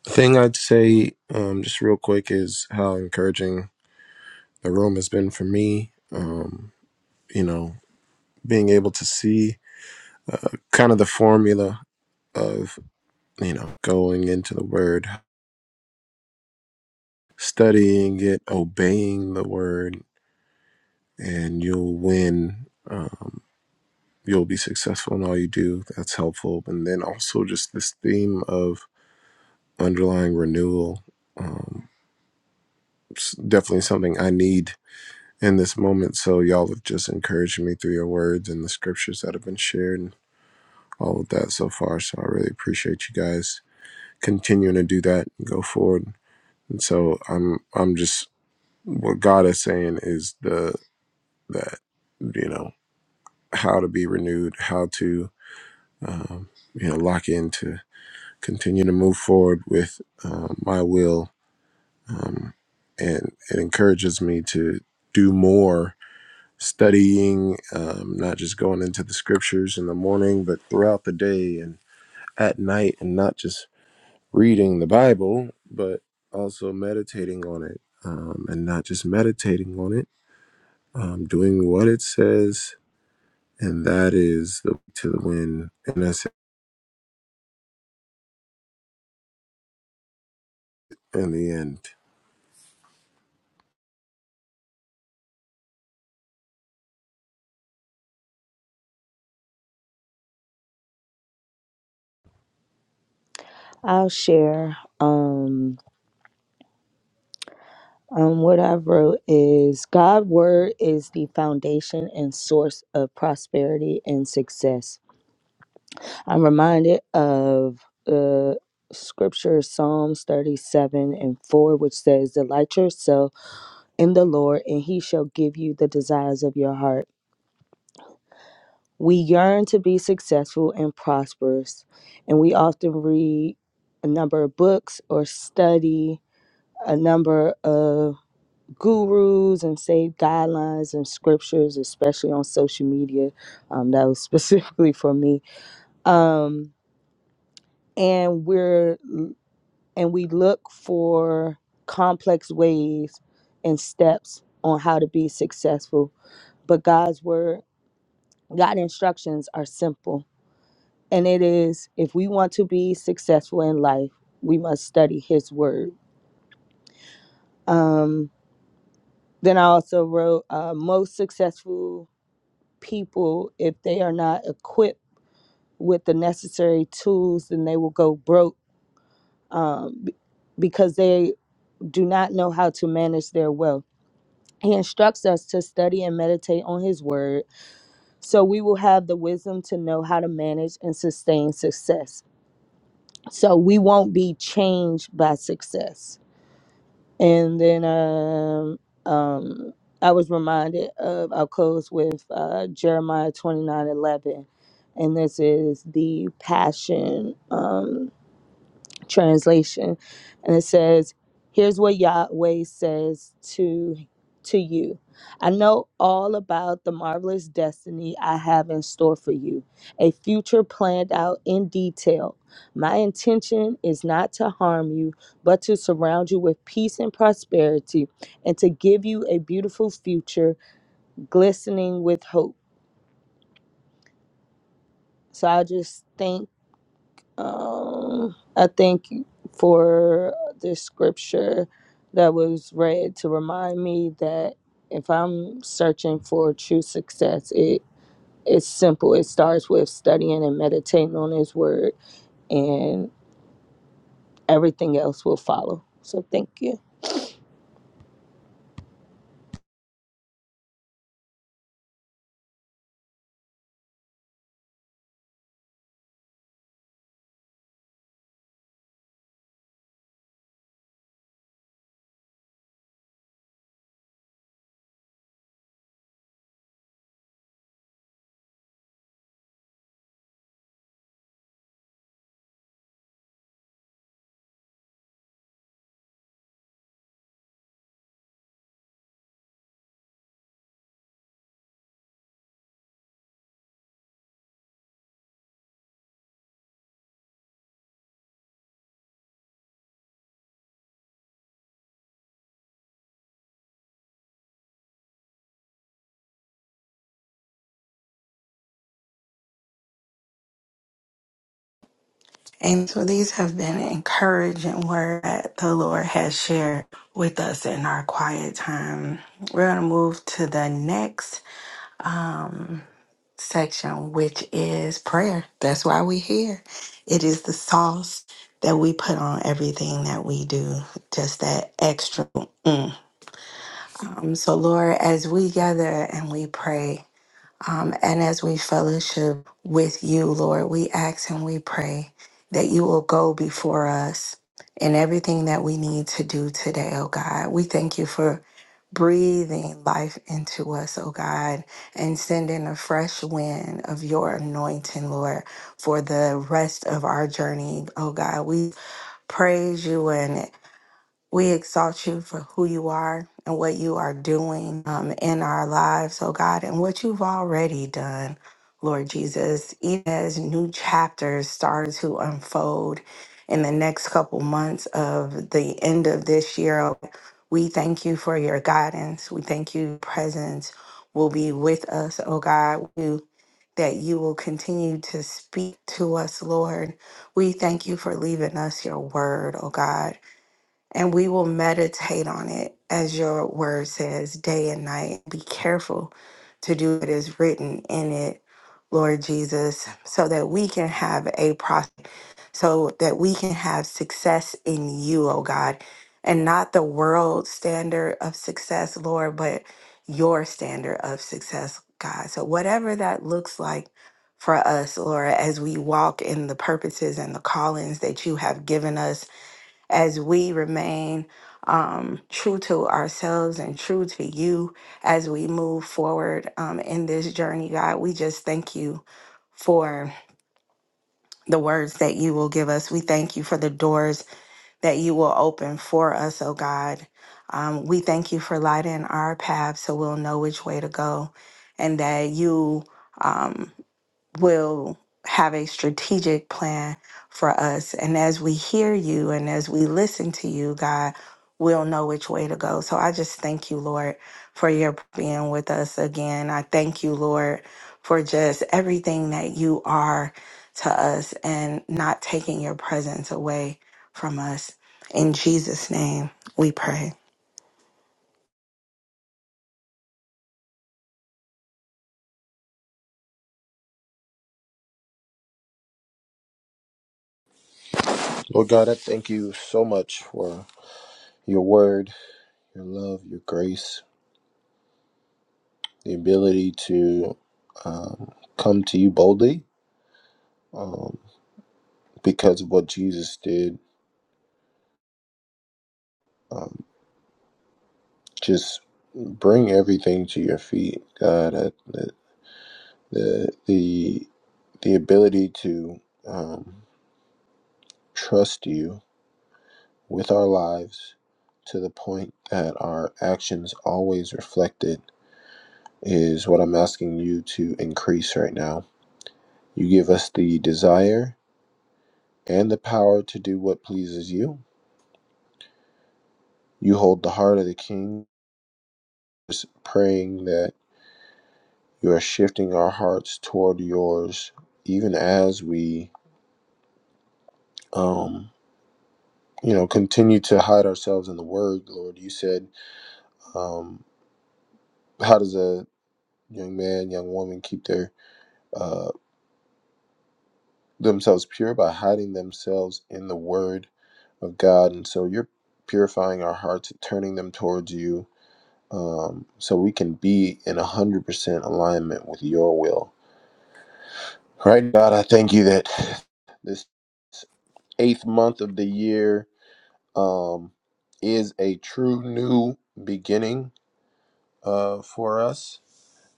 The thing I'd say, um, just real quick, is how encouraging the room has been for me. Um, you know, being able to see uh, kind of the formula of you know going into the word studying it obeying the word and you'll win um, you'll be successful in all you do that's helpful and then also just this theme of underlying renewal um, it's definitely something i need in this moment so y'all have just encouraged me through your words and the scriptures that have been shared and all of that so far so i really appreciate you guys continuing to do that and go forward And so I'm I'm just what God is saying is the that you know how to be renewed, how to um, you know lock in to continue to move forward with um, my will, um, and it encourages me to do more studying, um, not just going into the scriptures in the morning, but throughout the day and at night, and not just reading the Bible, but also meditating on it, um, and not just meditating on it um, doing what it says, and that is the to the win, and that's it in the end. I'll share um, um what I wrote is God's word is the foundation and source of prosperity and success. I'm reminded of uh, scripture Psalms 37 and 4, which says, Delight yourself in the Lord, and he shall give you the desires of your heart. We yearn to be successful and prosperous, and we often read a number of books or study a number of gurus and save guidelines and scriptures, especially on social media. Um, that was specifically for me. Um, and we're and we look for complex ways and steps on how to be successful. But God's word, God's instructions are simple And it is if we want to be successful in life, we must study His Word. Um, then I also wrote uh, most successful people, if they are not equipped with the necessary tools, then they will go broke um, b- because they do not know how to manage their wealth. He instructs us to study and meditate on His Word so we will have the wisdom to know how to manage and sustain success. So we won't be changed by success And then um, um, I was reminded of, I'll close with uh, Jeremiah twenty nine eleven, And this is the passion. Um, translation and it says here's what yahweh says to to you i know all about the marvelous destiny i have in store for you a future planned out in detail my intention is not to harm you but to surround you with peace and prosperity and to give you a beautiful future glistening with hope so i just thank Um, I thank you for this scripture that was read to remind me that if I'm searching for true success, it it's simple. It starts with studying and meditating on His Word, and everything else will follow. So thank you, And so these have been encouraging words that the Lord has shared with us in our quiet time. We're going to move to the next um, section, which is prayer. That's why we're here. It is the sauce that we put on everything that we do, just that extra. mm. Um, so, Lord, as we gather and we pray, Um, and as we fellowship with you, Lord, we ask and we pray that you will go before us in everything that we need to do today, oh God. We thank you for breathing life into us, oh God, and sending a fresh wind of your anointing, Lord, for the rest of our journey, oh God. We praise you and we exalt you for who you are and what you are doing um, in our lives, oh God, and what you've already done, Lord Jesus. Even as new chapters start to unfold in the next couple months of the end of this year, oh, we thank you for your guidance. We thank you, presence will be with us, oh God. We- That you will continue to speak to us, Lord. We thank you for leaving us your word, oh God and we will meditate on it, as your word says, day and night. Be careful to do what is written in it, Lord Jesus, so that we can have a process, so that we can have success in you, oh God, and not the world standard of success, Lord, but your standard of success, God. So, whatever that looks like for us, Lord, as we walk in the purposes and the callings that you have given us as we remain um, true to ourselves and true to you as we move forward um, in this journey, God. We just thank you for the words that you will give us. We thank you for the doors that you will open for us, oh God. Um, we thank you for lighting our path so we'll know which way to go and that you. Um, will have a strategic plan for us. And as we hear you and as we listen to you, God, we'll know which way to go. So I just thank you, Lord, for your being with us again. I thank you, Lord, for just everything that you are to us and not taking your presence away from us. In Jesus' name, we pray. Lord God, I thank you so much for your word, your love, your grace, the ability to um, come to you boldly um, because of what Jesus did. Um, just bring everything to your feet, God. I, the the the the ability to um, trust you with our lives to the point that our actions always reflect it, is what I'm asking you to increase right now. You give us the desire and the power to do what pleases you. You hold the heart of the king, praying that you are shifting our hearts toward yours, even as we, um, you know, continue to hide ourselves in the word, Lord. You said, um, how does a young man, young woman keep their uh, themselves pure by hiding themselves in the word of God. And so you're purifying our hearts, turning them towards you, um, so we can be in 100% alignment with your will. Right, God, I thank you that this eighth month of the year um, is a true new beginning uh, for us,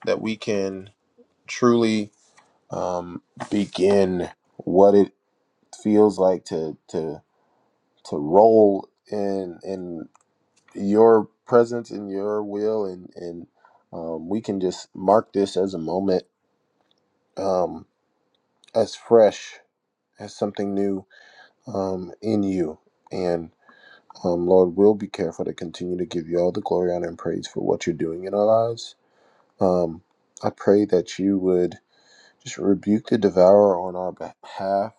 that we can truly um, begin what it feels like to to to roll in in your presence in your will and and um, we can just mark this as a moment um, as fresh as something new um, in you and um, Lord we'll be careful to continue to give you all the glory honor and praise for what you're doing in our lives um, I pray that you would just rebuke the devourer on our behalf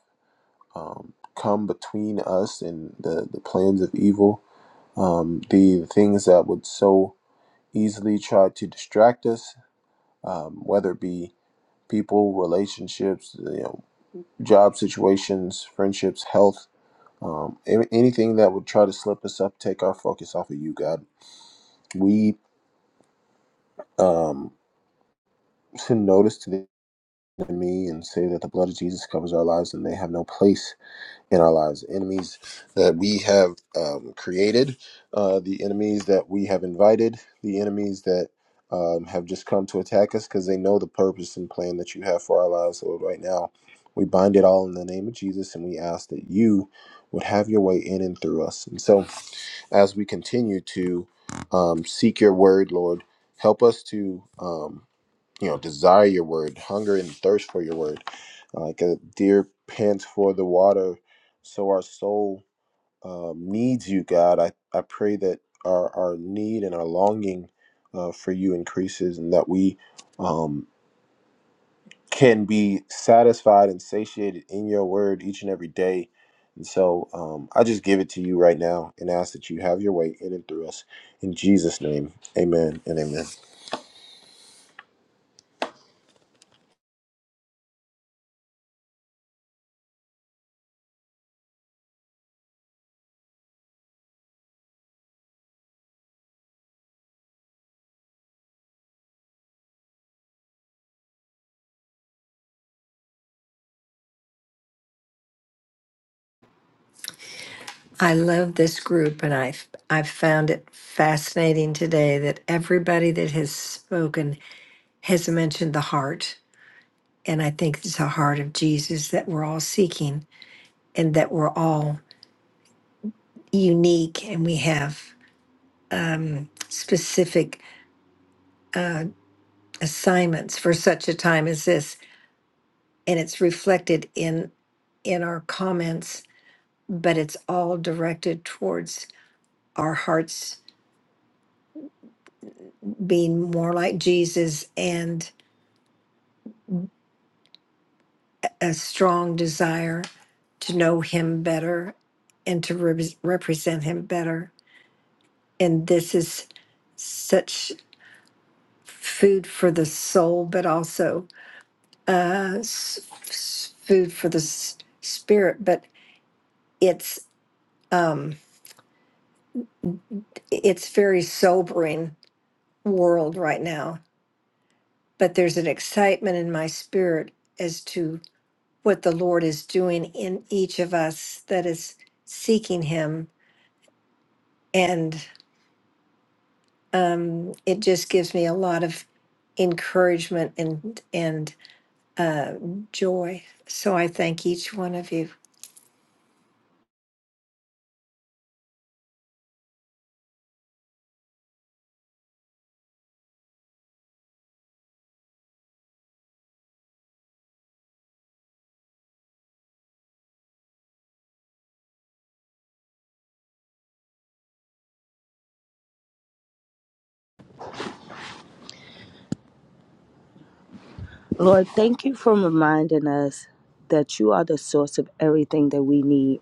um, come between us and the the plans of evil um, the things that would so easily try to distract us, um, whether it be people, relationships, you know, job situations, friendships, health, um, a- anything that would try to slip us up, take our focus off of you, God. We um, send notice to the enemy and say that the blood of Jesus covers our lives and they have no place in our lives, enemies that we have um, created, uh, the enemies that we have invited, the enemies that um, have just come to attack us because they know the purpose and plan that you have for our lives. Lord, right now, we bind it all in the name of Jesus and we ask that you would have your way in and through us. And so, as we continue to um, seek your word, Lord, help us to. Um, you know desire your word hunger and thirst for your word Uh, like a deer pants for the water so our soul um, needs you god i, I pray that our, our need and our longing uh, for you increases and that we um, can be satisfied and satiated in your word each and every day and so um, i just give it to you right now and ask that you have your way in and through us in jesus name amen and amen I love this group, and I've I've found it fascinating today that everybody that has spoken has mentioned the heart, and I think it's the heart of Jesus that we're all seeking, and that we're all unique, and we have um, specific uh, assignments for such a time as this, and it's reflected in in our comments, but it's all directed towards our hearts being more like Jesus and. a strong desire to know him better and to re- represent him better. And this is such food for the soul, but also uh, s- s- food for the s- spirit. But it's um, it's very sobering world right now. But there's an excitement in my spirit as to what the Lord is doing in each of us that is seeking Him um, it just gives me a lot of encouragement and and uh, joy. So I thank each one of you. Lord. Thank you for reminding us that you are the source of everything that we need.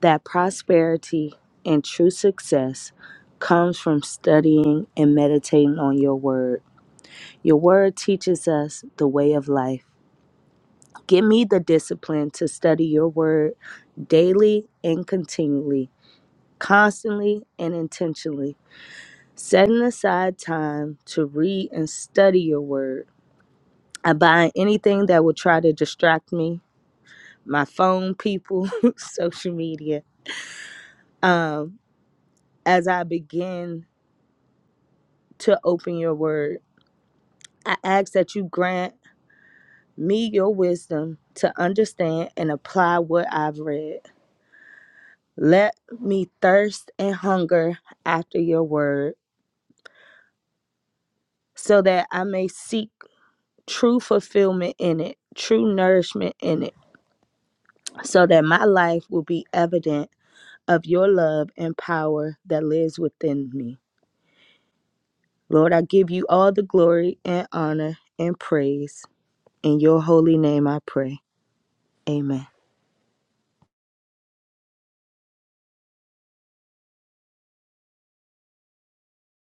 That prosperity and true success comes from studying and meditating on your Word Your word teaches us the way of life. Give me the discipline to study your word daily and continually, constantly and intentionally, setting aside time to read and study your word. I bind anything that will try to distract me, my phone, people, social media. Um, as I begin to open your word, I ask that you grant me your wisdom to understand and apply what I've read Let me thirst and hunger after your word, so that I may seek true fulfillment in it, true nourishment in it, so that my life will be evident of your love and power that lives within me. Lord, I give you all the glory and honor and praise. In your holy name I pray. Amen.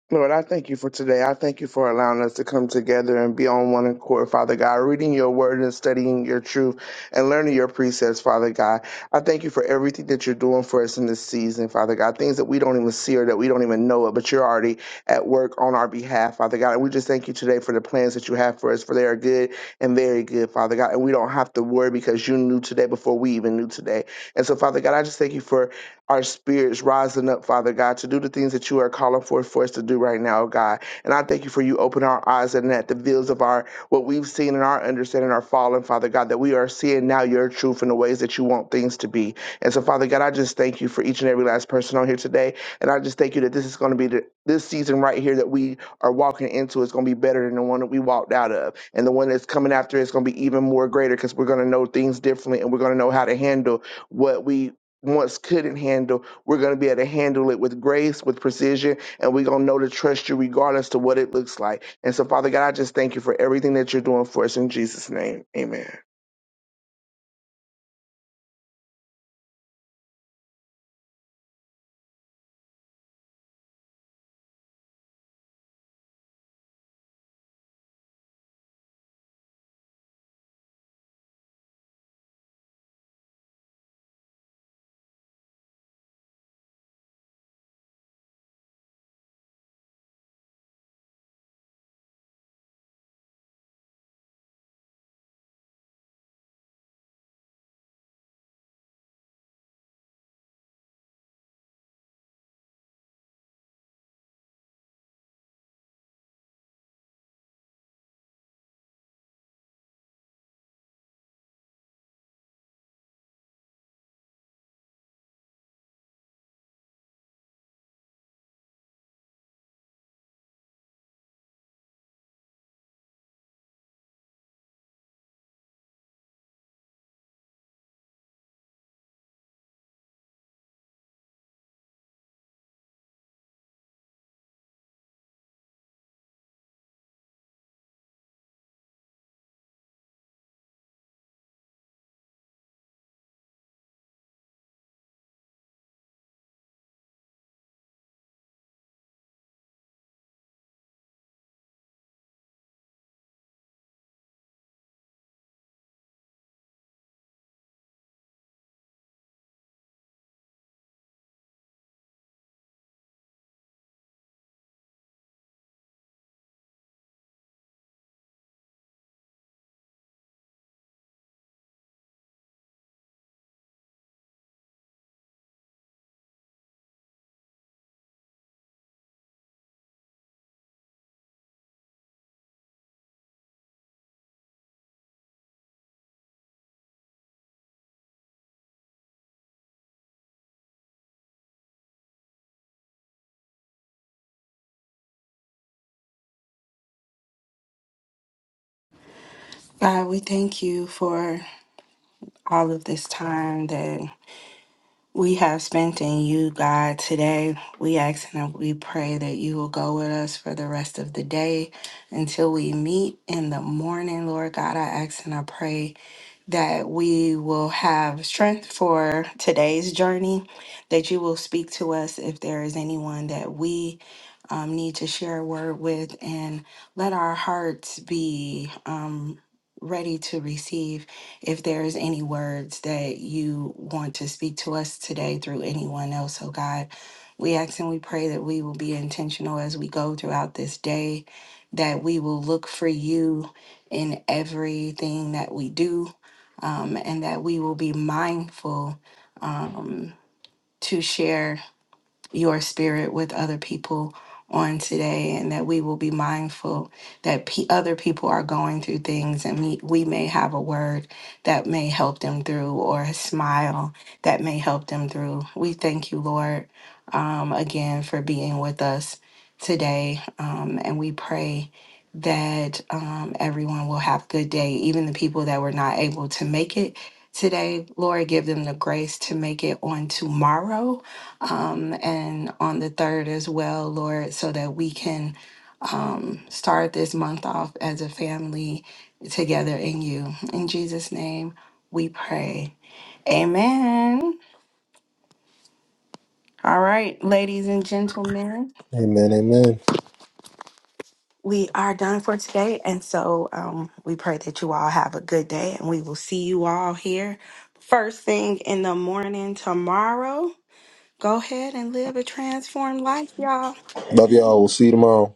Lord, I thank you for today. I thank you for allowing us to come together and be on one accord, Father God, reading your word and studying your truth and learning your precepts, Father God. I thank you for everything that you're doing for us in this season, Father God, things that we don't even see or that we don't even know it, but you're already at work on our behalf, Father God. And we just thank you today for the plans that you have for us, for they are good and very good, Father God. And we don't have to worry because you knew today before we even knew today. And so, Father God, I just thank you for our spirits rising up, Father God, to do the things that you are calling for, for us to do right now, God. And I thank you for you opening our eyes and that the veils of our what we've seen and our understanding are falling, Father God, that we are seeing now your truth in the ways that you want things to be. And so, Father God, I just thank you for each and every last person on here today. And I just thank you that this is going to be the, this season right here that we are walking into is going to be better than the one that we walked out of. And the one that's coming after is going to be even more greater because we're going to know things differently and we're going to know how to handle what we once couldn't handle, we're going to be able to handle it with grace, with precision, and we're going to know to trust you regardless to what it looks like. And so, Father God, I just thank you for everything that you're doing for us in Jesus' name. Amen. God, we thank you for all of this time that we have spent in you, God, today. We ask and we pray that you will go with us for the rest of the day until we meet in the morning, Lord God. I ask and I pray that we will have strength for today's journey, that you will speak to us if there is anyone that we um, need to share a word with, and let our hearts be um, ready to receive. If there is any words that you want to speak to us today through anyone else, oh God, we ask and we pray that we will be intentional as we go throughout this day, that we will look for you in everything that we do, um, and that we will be mindful um, to share your spirit with other people on today and that we will be mindful that pe other people are going through things and we, we may have a word that may help them through or a smile that may help them through. We thank you, Lord, um, again for being with us today. Um, and we pray that um, everyone will have a good day, even the people that were not able to make it today. Lord, give them the grace to make it on tomorrow um, and on the third as well, Lord, so that we can um, start this month off as a family together in you. In Jesus' name, we pray. Amen. All right, ladies and gentlemen, amen amen we are done for today. And so um, we pray that you all have a good day and we will see you all here first thing in the morning tomorrow. Go ahead and live a transformed life, y'all. love y'all we'll see you tomorrow